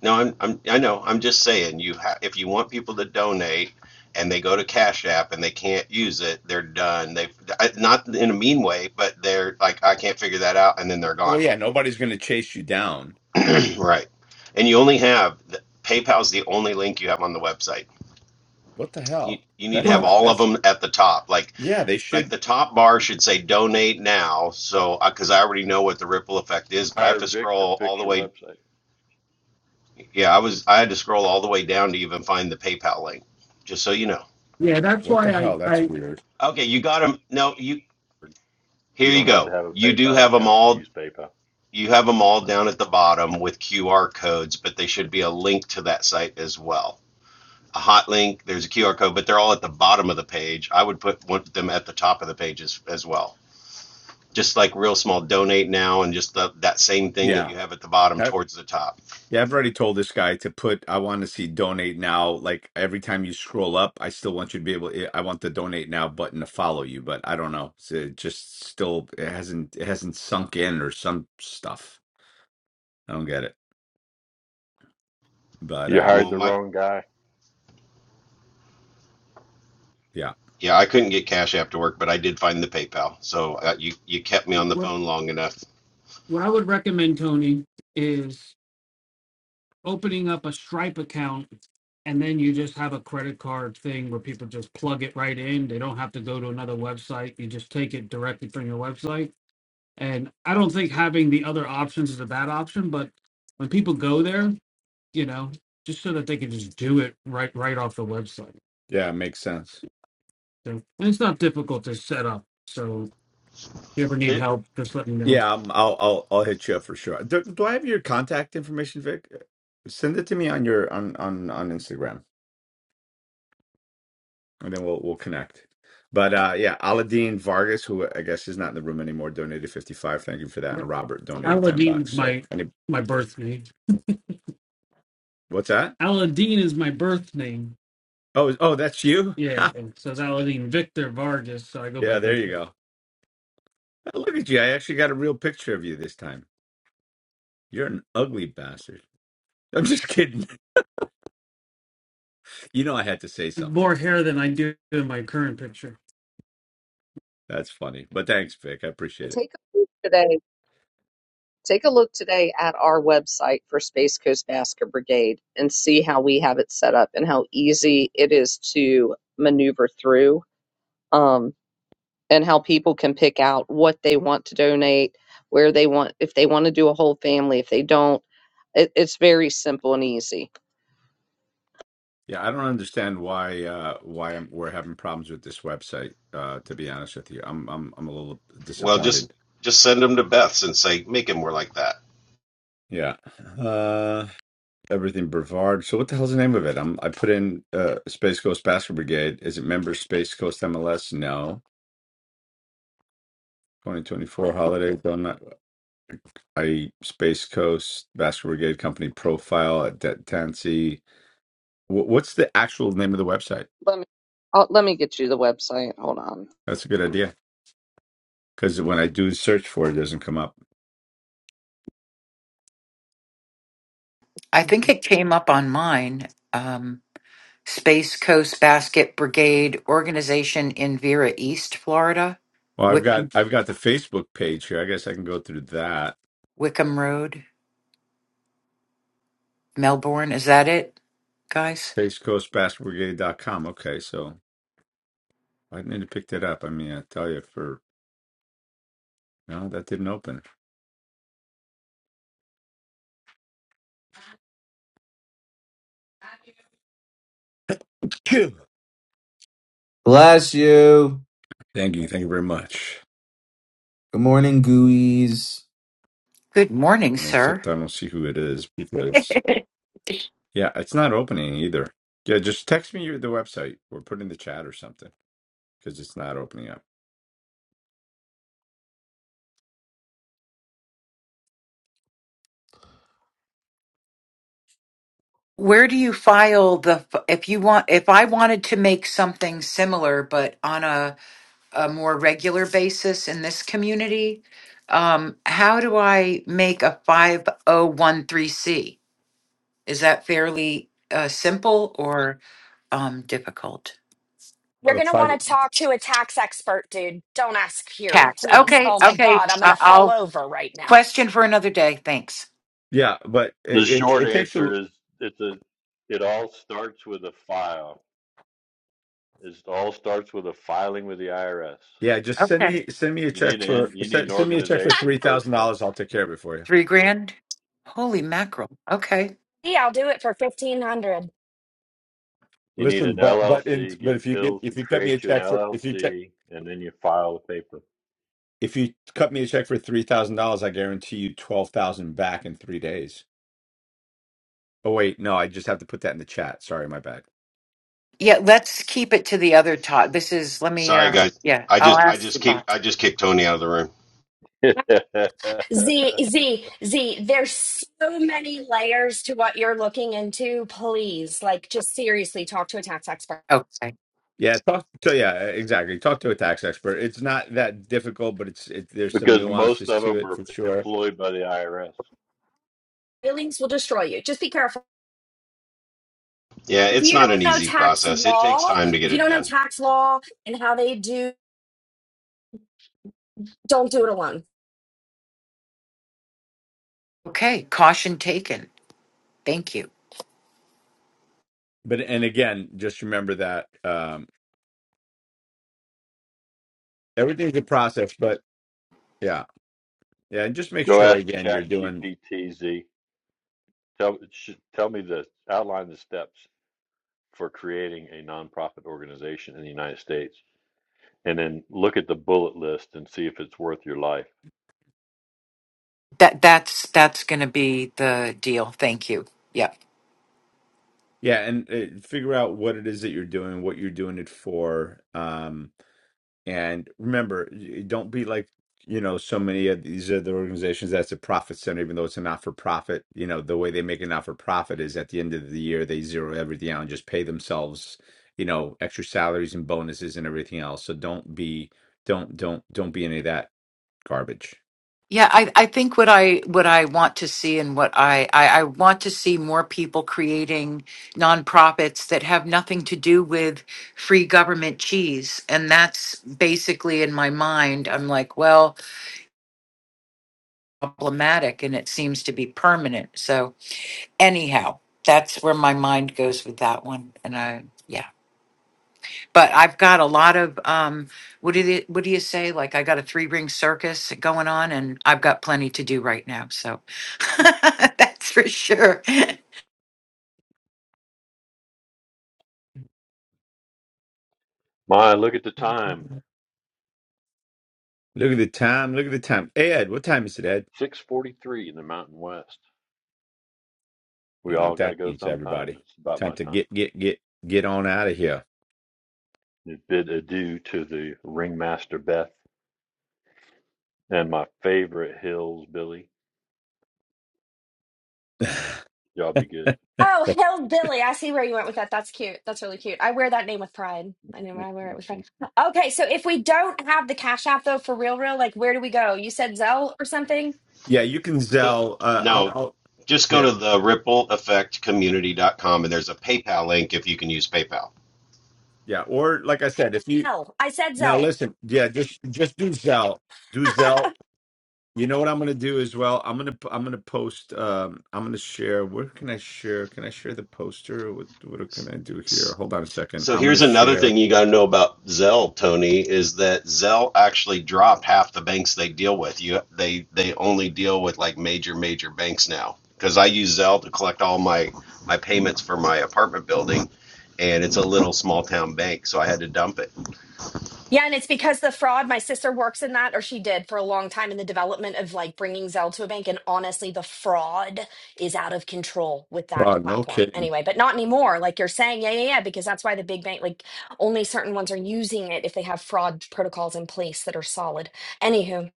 Speaker 7: No, I'm, I'm I know. I'm just saying you ha- if you want people to donate and they go to Cash App and they can't use it, they're done. They I- not in a mean way, but they're like I can't figure that out and then they're
Speaker 2: Well,
Speaker 7: gone.
Speaker 2: yeah, nobody's going to chase you down.
Speaker 7: right. And you only have the, PayPal's the only link you have on the website.
Speaker 2: What the
Speaker 7: you,
Speaker 2: hell?
Speaker 7: you need to
Speaker 2: That's
Speaker 7: have
Speaker 10: Well
Speaker 2: not,
Speaker 7: all of
Speaker 2: that's,
Speaker 7: them at the top. Like
Speaker 2: yeah, they
Speaker 7: like
Speaker 2: should.
Speaker 7: the top bar should say donate now. So because I already know what the ripple effect is, but I have
Speaker 4: Hire
Speaker 7: to
Speaker 4: Vic to
Speaker 7: scroll all
Speaker 4: fix
Speaker 7: the
Speaker 4: your
Speaker 7: way.
Speaker 4: website.
Speaker 7: Yeah, I was I had to scroll all the way down to even find the PayPal link. Just so you know.
Speaker 10: yeah, that's
Speaker 2: What the
Speaker 10: why I
Speaker 2: hell? That's
Speaker 10: I
Speaker 2: weird.
Speaker 7: Okay, you got them. No, you here
Speaker 4: You
Speaker 7: you
Speaker 4: don't have to
Speaker 7: go.
Speaker 4: have a
Speaker 7: You do
Speaker 4: PayPal
Speaker 7: have them
Speaker 4: account to
Speaker 7: all.
Speaker 4: use PayPal.
Speaker 7: You have them all down at the bottom with QR codes, but they should be a link to that site as well. A hot link. There's a QR code, but they're all at the bottom of the page. I would put one, of them at the top of the page as, as well. just like real small donate now and just the, that same thing that
Speaker 2: Yeah.
Speaker 7: you have at the bottom
Speaker 2: I,
Speaker 7: towards the top
Speaker 2: yeah, I've already told this guy to put, I want to see donate now. Like every time you scroll up, I still want you to be able, eh, I want the donate now button to follow you, but I don't know. It's, it just still, it hasn't, it hasn't sunk in or some stuff. I don't get it. But
Speaker 4: You
Speaker 2: um,
Speaker 4: hired
Speaker 7: well
Speaker 4: the
Speaker 7: my
Speaker 4: wrong guy.
Speaker 2: yeah,
Speaker 7: yeah i couldn't get cash after work but i did find the paypal so uh, you you kept me on the
Speaker 10: what
Speaker 7: phone long enough
Speaker 10: what I would recommend, Tony, is. opening up a Stripe account and then you just have a credit card thing where people just plug it right in. They don't have to go to another website. You just take it directly from your website. And I don't think having the other options is a bad option, but when people go there, you know, just so that they can just do it right right off the website.
Speaker 2: yeah, it makes sense.
Speaker 10: So, and it's not difficult to set up. So if you ever need
Speaker 7: It-
Speaker 10: help, just let me know.
Speaker 2: Yeah, um, I'll I'll I'll hit you up for sure. Do, do I have your contact information, Vic? Uh, Send it to me on your on on on Instagram, and then we'll we'll connect. But uh, yeah, Aladdin Vargas, who I guess is not in the room anymore, donated fifty five. Thank you for that. And Robert donated ten
Speaker 10: Aladdin
Speaker 2: bucks.
Speaker 10: is
Speaker 2: So
Speaker 10: my
Speaker 2: any
Speaker 10: my birth name.
Speaker 2: what's that?
Speaker 10: Aladdin is my birth name
Speaker 2: Oh is- oh, that's you.
Speaker 10: Yeah,
Speaker 2: Ha!
Speaker 10: and so that was in Victor Vargas, so I go by
Speaker 2: yeah, there you
Speaker 10: Victor.
Speaker 2: go. Oh, Look at you. I actually got a real picture of you this time. You're an ugly bastard. I'm just kidding. You know I had to say something.
Speaker 10: More hair than I do in my current picture.
Speaker 2: That's funny. But thanks, Vic. I appreciate it.
Speaker 1: Take a look today. Take a look today at our website for Space Coast Basket Brigade and see how we have it set up and how easy it is to maneuver through. Um, and how people can pick out what they want to donate, where they want, if they want to do a whole family, if they don't. It, it's very simple and easy.
Speaker 2: Yeah, I don't understand why uh why I'm, we're having problems with this website, uh to be honest with you. I'm I'm I'm a little
Speaker 7: well just
Speaker 2: disappointed.
Speaker 7: just send them to beth's and say make it more like that
Speaker 2: Yeah. Uh everything Brevard. So what the hell's the name of it? I'm I put in uh Space Coast Basket Brigade. Is it member Space Coast MLS? No. 2024 holiday donut. I Space Coast Vascular Brigade Company profile at Det Tansi. Wh- What's the actual name of the website?
Speaker 1: Let me i let me get you the website. Hold on.
Speaker 2: That's a good idea because when I do search for it, it doesn't come up.
Speaker 5: I think it came up on mine. Um, Space Coast Basket Brigade organization in Vera East, Florida.
Speaker 2: Well, I've got I've got the Facebook page here. I guess I can go through that.
Speaker 5: Wickham Road, Melbourne. Is that it, guys?
Speaker 2: Space Coast Vascular com. Okay, so I need to pick that up. I mean, I tell you, for no, that didn't open. Good.
Speaker 11: Bless you.
Speaker 2: Thank you, thank you very much.
Speaker 11: Good morning, gooeyes.
Speaker 5: Good morning,
Speaker 2: I mean, except
Speaker 5: sir.
Speaker 2: I don't see who it is because yeah, it's not opening either. Yeah, just text me your the website or put it in the chat or something. because it's not opening up.
Speaker 5: Where do you file the f- if you want if I wanted to make something similar but on a, a more regular basis in this community, um, how do I make a 5013C? Is that fairly uh, simple or um, difficult?
Speaker 6: You're
Speaker 2: Uh,
Speaker 6: going to
Speaker 2: five.
Speaker 6: want to talk to a tax expert, dude. Don't ask
Speaker 5: Tax.
Speaker 6: here, please. Oh my
Speaker 5: Okay.
Speaker 6: God, I'm going to fall over right now.
Speaker 5: Question for another day. Thanks.
Speaker 2: Yeah, but
Speaker 4: The
Speaker 2: it, it
Speaker 4: short
Speaker 2: it takes
Speaker 4: answer
Speaker 2: you.
Speaker 4: is it's a. It all starts with a file. It all starts with a filing with the IRS.
Speaker 2: Yeah, just send
Speaker 5: Okay.
Speaker 2: me send me a
Speaker 4: You
Speaker 2: check
Speaker 4: need an
Speaker 2: for
Speaker 4: you need an
Speaker 2: send, send me a check for
Speaker 4: organization
Speaker 2: three
Speaker 4: first,
Speaker 2: thousand
Speaker 4: though.
Speaker 2: dollars. I'll take care of it for you.
Speaker 5: Three grand. Holy mackerel. Okay.
Speaker 6: Yeah, I'll do it for 1500
Speaker 4: You need
Speaker 2: Listen,
Speaker 4: an
Speaker 2: but but in
Speaker 4: LLC.
Speaker 2: but
Speaker 4: Get
Speaker 2: if you get
Speaker 4: Hills
Speaker 2: if
Speaker 4: to
Speaker 2: you cut me a
Speaker 4: create you an
Speaker 2: check for if you check
Speaker 4: LLC, and then you file the paper.
Speaker 2: if you cut me a check for three thousand dollars, I guarantee you twelve thousand back in three days. Oh wait, no, I just have to put that in the chat. Sorry, my bad.
Speaker 5: Yeah, let's keep it to the other Todd. This is, let me,
Speaker 7: sorry
Speaker 5: uh,
Speaker 7: guys
Speaker 5: yeah,
Speaker 7: i
Speaker 5: I'll
Speaker 7: just i
Speaker 5: ask the
Speaker 7: just keep
Speaker 5: bot.
Speaker 7: i just kicked tony out of the room
Speaker 6: Z, Z, Z, there's so many layers to what you're looking into. Please, like, just seriously talk to a tax expert.
Speaker 5: Okay.
Speaker 2: Yeah, talk to yeah, exactly. Talk to a tax expert. It's not that difficult, but it's it, there's some
Speaker 4: because most
Speaker 2: nuances
Speaker 4: of
Speaker 2: to
Speaker 4: them
Speaker 2: it
Speaker 4: are
Speaker 2: for sure.
Speaker 4: employed by the IRS.
Speaker 6: Feelings will destroy you. Just be careful.
Speaker 7: yeah
Speaker 6: if
Speaker 7: it's
Speaker 6: you
Speaker 7: not an
Speaker 6: don't know
Speaker 7: easy
Speaker 6: tax
Speaker 7: process it takes
Speaker 6: law,
Speaker 7: time to
Speaker 6: if
Speaker 7: get
Speaker 6: you
Speaker 7: it
Speaker 6: don't know
Speaker 7: done
Speaker 6: tax law and how they do, don't do it alone.
Speaker 5: Okay. Caution taken. Thank you.
Speaker 2: But and again, just remember that. Um, everything's a process but yeah yeah and just make
Speaker 4: Go
Speaker 2: sure
Speaker 4: ask
Speaker 2: again you're
Speaker 4: Chat
Speaker 2: doing
Speaker 4: GPTZ. Tell sh- tell me the outline the steps for creating a nonprofit organization in the United States, and then look at the bullet list and see if it's worth your life.
Speaker 5: That, that's, that's going to be the deal. Thank you. Yeah.
Speaker 2: yeah and uh, figure out what it is that you're doing what you're doing it for um and remember y- don't be like you know so many of these other organizations that's a profit center even though it's a not-for-profit you know the way they make a not-for-profit is at the end of the year they zero everything out and just pay themselves you know extra salaries and bonuses and everything else so don't be don't don't don't be any of that garbage
Speaker 5: Yeah. I, I think what I, what I want to see and what I, I, I want to see more people creating nonprofits that have nothing to do with free government cheese. And that's basically in my mind, I'm like, well, problematic and it seems to be permanent. So, anyhow, that's where my mind goes with that one. And I, yeah, but I've got a lot of, um, what do you, what do you say? Like I got a three ring circus going on and I've got plenty to do right now. So that's for sure.
Speaker 4: My, look at the time.
Speaker 2: Look at the time. Look at the time. Ed, what time is it, Ed?
Speaker 4: 6:43 in the Mountain West.
Speaker 2: You
Speaker 4: We
Speaker 2: know what
Speaker 4: all got to
Speaker 2: that
Speaker 4: go
Speaker 2: means,
Speaker 4: sometime.
Speaker 2: everybody.
Speaker 4: It's about
Speaker 2: Time
Speaker 4: my
Speaker 2: to
Speaker 4: time.
Speaker 2: get get get get on out of here.
Speaker 4: You Bid adieu to the ringmaster Beth and my favorite hills, Billy. Y'all be good.
Speaker 6: Oh, hillbilly! I see where you went with that. That's cute. That's really cute. I wear that name with pride. I know I wear it with pride. Okay, so if we don't have the Cash App though, for real, real, like where do we go? You said Zelle or something?
Speaker 2: yeah, you can
Speaker 7: the
Speaker 2: Zell. Uh, I'll,
Speaker 7: no
Speaker 2: I'll
Speaker 7: just go
Speaker 2: yeah
Speaker 7: to the ripple effect community dot com and there's a paypal link if you can use paypal
Speaker 2: yeah. Or like I said, if you
Speaker 6: Zelle. I said
Speaker 2: now
Speaker 6: Zelle.
Speaker 2: listen, yeah, just just do Zell. Do Zell. You know what I'm gonna do as well? I'm gonna i I'm gonna post um I'm gonna share where can I share? Can I share the poster? What what can I do
Speaker 7: S-
Speaker 2: here? Hold on a second.
Speaker 7: So
Speaker 2: I'm gonna
Speaker 7: here's another
Speaker 2: share.
Speaker 7: thing you got to know about Zelle, Tony, is that Zelle actually dropped half the banks they deal with. You they they only deal with like major major banks now because I use Zelle to collect all my my payments for my apartment building, and it's a little small town bank, so I had to dump it.
Speaker 6: Yeah, and it's because the fraud, my sister works in that, or she did for a long time in the development of like bringing Zelle to a bank. And honestly, the fraud is out of control with that
Speaker 2: Oh, no
Speaker 6: platform
Speaker 2: kidding.
Speaker 6: anyway, but not anymore. Like you're saying, yeah, yeah, yeah, because that's why the big bank, like only certain ones are using it if they have fraud protocols in place that are solid. Anywho,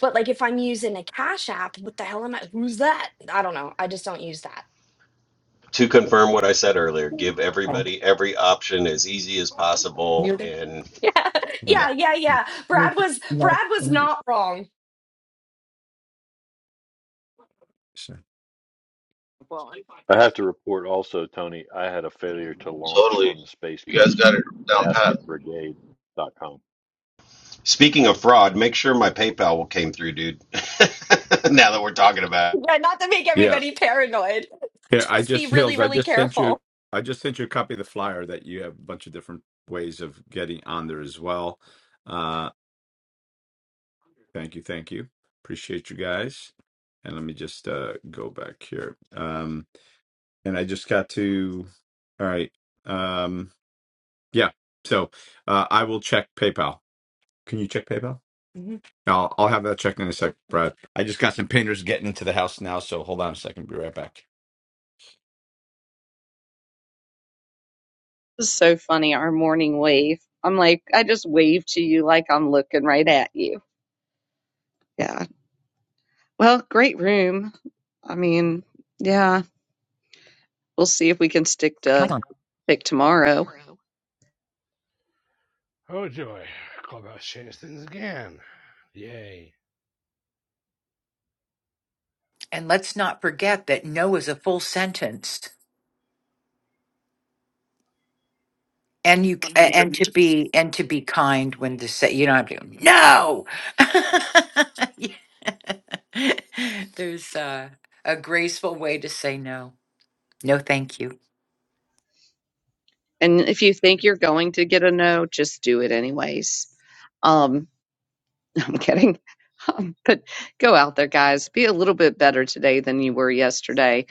Speaker 6: but like if I'm using a Cash App, what the hell am I? Who's that? I don't know. I just don't use that.
Speaker 7: To confirm what I said earlier, give everybody every option as easy as possible, and
Speaker 6: Yeah,
Speaker 2: Yeah.
Speaker 7: yeah.
Speaker 6: yeah, yeah, yeah. Brad was Brad was not wrong.
Speaker 2: So-
Speaker 1: Well, and
Speaker 4: I have to report also, Tony, I had a failure to launch
Speaker 9: Totally.
Speaker 4: on the Space
Speaker 9: You guys
Speaker 4: Coast
Speaker 9: got it down pat.
Speaker 4: Basket Brigade.com.
Speaker 7: Speaking of fraud, make sure my PayPal came through, dude. now that we're talking about. it.
Speaker 6: Yeah, not to make
Speaker 2: yeah.
Speaker 6: everybody paranoid.
Speaker 2: Here, I
Speaker 6: Just be
Speaker 2: just
Speaker 6: really,
Speaker 2: Hills, I
Speaker 6: really
Speaker 2: just sent you
Speaker 6: careful.
Speaker 2: I just sent you a copy of the flyer that you have a bunch of different ways of getting on there as well. Uh, Thank you. Thank you. Appreciate you guys. And let me just uh go back here. Um and I just got to all right. Um yeah. So uh I will check PayPal. Can you check PayPal? I'll I'll have that checked in a sec, Brad. I just got some painters getting into the house now, so hold on a second, be right back.
Speaker 1: this is so funny. Our morning wave. I'm like, I just wave to you like I'm looking right at you. Yeah. Well, great room. I mean, yeah. We'll see if we can stick
Speaker 12: Mic
Speaker 1: to
Speaker 12: on.
Speaker 1: pick tomorrow.
Speaker 5: And let's not forget that no is a full sentence. And you a-
Speaker 1: 100.
Speaker 5: and to be and to be kind when to say you don't have to go, no. Yeah. There's uh, a graceful way to say no. No, thank you.
Speaker 1: And if you think you're going to get a no, just do it anyways. Um, I'm kidding. Um, but go out there, guys. Be a little bit better today than you were yesterday.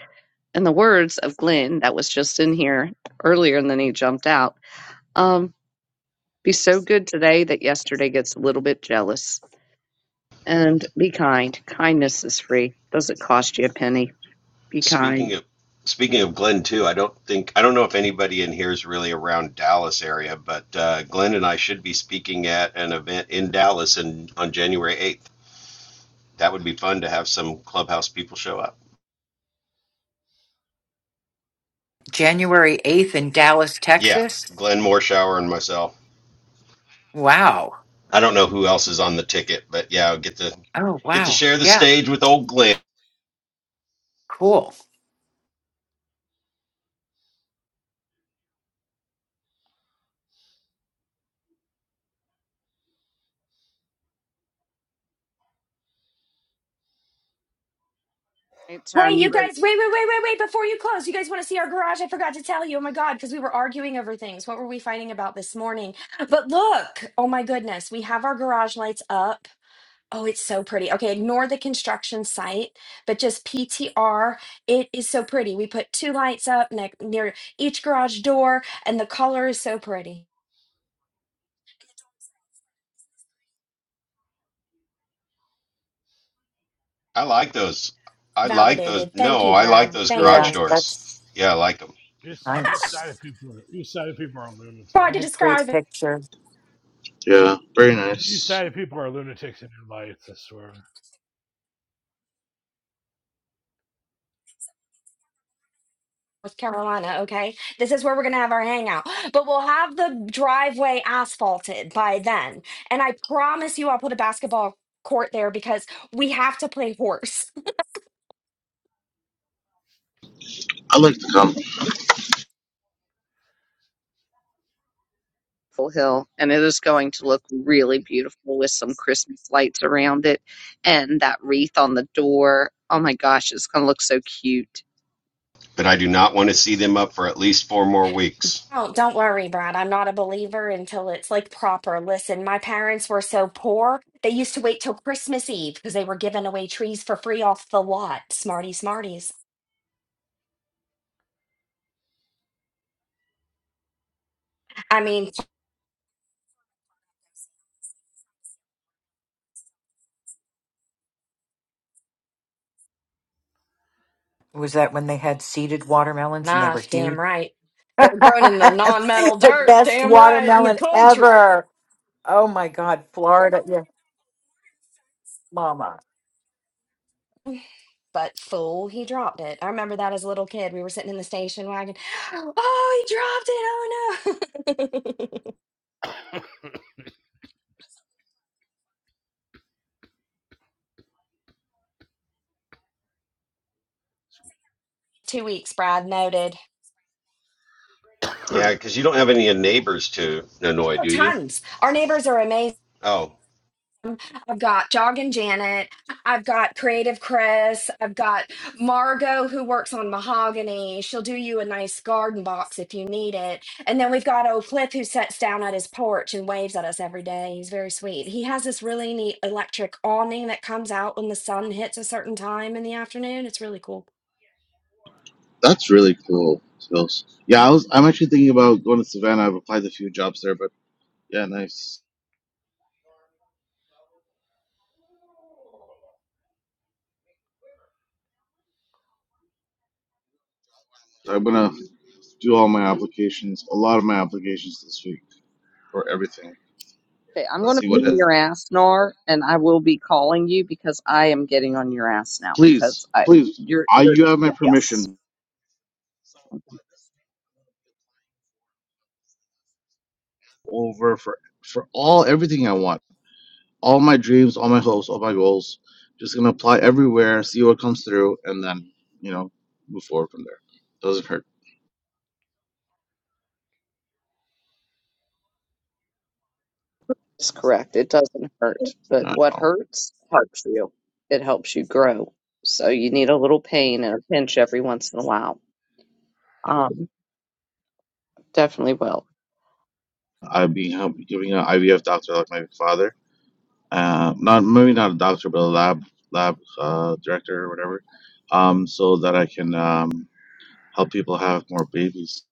Speaker 1: In the words of Glenn, that was just in here earlier, and then he jumped out. Um, be so good today that yesterday gets a little bit jealous. And be kind. Kindness is free. Doesn't cost you a penny. Be
Speaker 7: Speaking
Speaker 1: kind.
Speaker 7: of speaking of Glenn too, I don't think I don't know if anybody in here is really around Dallas area, but uh, Glenn and I should be speaking at an event in Dallas in, on January eighth. That would be fun to have some clubhouse people show up.
Speaker 5: January 8th in Dallas,
Speaker 7: Yeah,
Speaker 5: Texas.
Speaker 7: Glenn Morshower and myself.
Speaker 5: Wow.
Speaker 7: I don't know who else is on the ticket, but yeah, I'll get to
Speaker 5: Oh,
Speaker 7: get to
Speaker 5: wow.
Speaker 7: share the
Speaker 5: Yeah.
Speaker 7: stage with old Glenn.
Speaker 5: Cool.
Speaker 6: Hey, you guys, wait, wait, wait, wait, wait. Before you close, you guys want to see our garage? I forgot to tell you. Oh my God, because we were arguing over things. What were we fighting about this morning? But look, oh my goodness, we have our garage lights up. Oh, it's so pretty. Okay, ignore the construction site, but just PTR. It is so pretty. We put two lights up ne- near each garage door, and the color is so pretty.
Speaker 7: I like those. I like those.
Speaker 6: Validated. Thank
Speaker 7: No,
Speaker 6: you,
Speaker 7: I like
Speaker 6: Brad.
Speaker 7: those
Speaker 6: Thank
Speaker 5: Yeah,
Speaker 7: garage
Speaker 6: you.
Speaker 7: doors.
Speaker 5: that's
Speaker 7: Yeah, I like them.
Speaker 5: Nice.
Speaker 6: Hard
Speaker 5: what
Speaker 6: to
Speaker 5: a great
Speaker 6: describe.
Speaker 5: picture.
Speaker 9: Yeah, very nice.
Speaker 6: North Carolina, okay? This is where we're going to have our hangout. But we'll have the driveway asphalted by then. And I promise you, I'll put a basketball court there because we have to play horse.
Speaker 9: I like to come.
Speaker 1: Full hill, and it is going to look really beautiful with some Christmas lights around it and that wreath on the door. Oh my gosh, it's going to look so cute.
Speaker 7: But I do not want to see them up for at least four more weeks.
Speaker 6: Oh, don't worry, Brad. I'm not a believer until it's like proper. Listen, my parents were so poor, they used to wait till Christmas Eve because they were giving away trees for free off the lot. Smarty smarties. I mean,
Speaker 5: Was that when they had seeded watermelons and they were
Speaker 6: enough,
Speaker 5: huge?
Speaker 6: damn right. They were grown in the non metal
Speaker 5: the
Speaker 6: dirt,
Speaker 5: best
Speaker 6: damn right, in the
Speaker 5: watermelon
Speaker 6: country.
Speaker 5: ever. Oh my God, Florida. Yeah, mama.
Speaker 6: But fool, he dropped it. I remember that as a little kid. We were sitting in the station wagon. Oh, he dropped it. Oh no. Two weeks, Brad noted.
Speaker 7: Yeah, because you don't have any neighbors to annoy,
Speaker 6: Oh,
Speaker 7: do you?
Speaker 6: tons. Our neighbors are amazing.
Speaker 7: Oh,
Speaker 6: I've got Jog and Janet. I've got Creative Chris. I've got Margot, who works on mahogany. She'll do you a nice garden box if you need it. And then we've got old Cliff, who sits down at his porch and waves at us every day. He's very sweet. He has this really neat electric awning that comes out when the sun hits a certain time in the afternoon. It's really cool.
Speaker 9: That's really cool, Skills. Yeah, I was I'm actually thinking about going to Savannah. I've applied to a few jobs there, but yeah, nice. So I'm gonna do all my applications, a lot of my applications this week for everything.
Speaker 1: Okay, I'm going
Speaker 9: Let's
Speaker 1: to
Speaker 9: see what.
Speaker 1: put
Speaker 9: It,
Speaker 1: your ass, Nar, and I will be calling you because I am getting on your ass now because
Speaker 9: please,
Speaker 1: I
Speaker 9: please,
Speaker 1: you're
Speaker 9: I
Speaker 1: you're
Speaker 9: you have my
Speaker 1: yes,
Speaker 9: permission. over for for all everything I want, all my dreams, all my hopes, all my goals. Just gonna apply everywhere, see what comes through, and then you know move forward from there. Doesn't hurt
Speaker 1: it's correct. It doesn't hurt, but
Speaker 9: at
Speaker 1: what
Speaker 9: all.
Speaker 1: hurts helps you. It helps you grow. So you need a little pain and a pinch every once in a while. Um, definitely will.
Speaker 9: I've been help, giving an IVF doctor like my father, uh, not maybe not a doctor, but a lab lab uh, director or whatever, um, so that I can um, help people have more babies.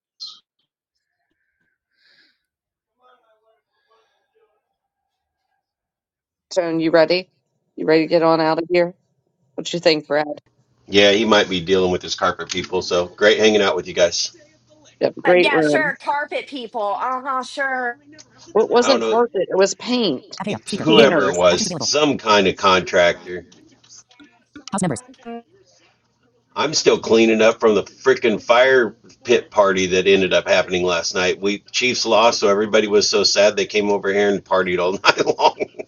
Speaker 1: Tone, you ready? You ready to get on out of here? What you think, Brad?
Speaker 7: yeah, he might be dealing with his carpet people. So great hanging out with you guys.
Speaker 1: You have a
Speaker 6: Uh,
Speaker 1: great
Speaker 6: yeah,
Speaker 1: room.
Speaker 6: sure. Carpet people. Uh huh, sure.
Speaker 1: Well, it
Speaker 7: I don't
Speaker 1: wasn't
Speaker 7: know
Speaker 1: carpet, it was paint.
Speaker 12: Apnea.
Speaker 7: if
Speaker 12: Speaker. Muted.
Speaker 7: whoever it
Speaker 1: Painters.
Speaker 12: Actions
Speaker 7: was,
Speaker 12: available.
Speaker 7: some kind of contractor.
Speaker 12: House members.
Speaker 7: I'm still cleaning up from the freaking fire pit party that ended up happening last night. We Chiefs lost, so everybody was so sad they came over here and partied all night long.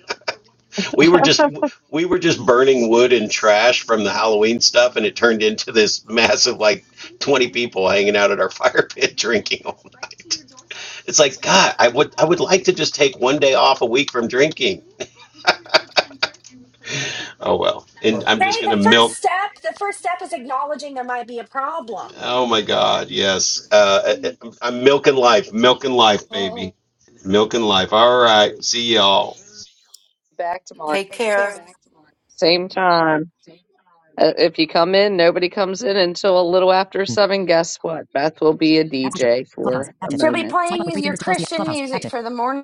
Speaker 7: we were just we were just burning wood and trash from the Halloween stuff, and it turned into this massive like twenty people hanging out at our fire pit drinking. It's like God, I would I would like to just take one day off a week from drinking. Oh well, and I'm just
Speaker 6: Hey,
Speaker 7: gonna
Speaker 6: the first
Speaker 7: milk.
Speaker 6: step, the first step is acknowledging there might be a problem.
Speaker 7: Oh my God, yes, uh, uh, uh, I'm I'm milking life, milking life,
Speaker 6: Oh.
Speaker 7: baby, milking life. All right, see y'all.
Speaker 1: Back tomorrow,
Speaker 5: Take care.
Speaker 1: same time. Uh, if you come in, nobody comes in until a little after
Speaker 12: Mm.
Speaker 1: seven. Guess what? Beth will be a
Speaker 12: App switcher.
Speaker 1: DJ
Speaker 12: Clubhouse.
Speaker 1: for a
Speaker 12: Active.
Speaker 6: She'll be
Speaker 1: moment.
Speaker 12: Swipe up
Speaker 6: playing
Speaker 12: with three
Speaker 6: your
Speaker 12: fingers to close the app.
Speaker 6: Christian
Speaker 12: Clubhouse. Active.
Speaker 6: music for the morning.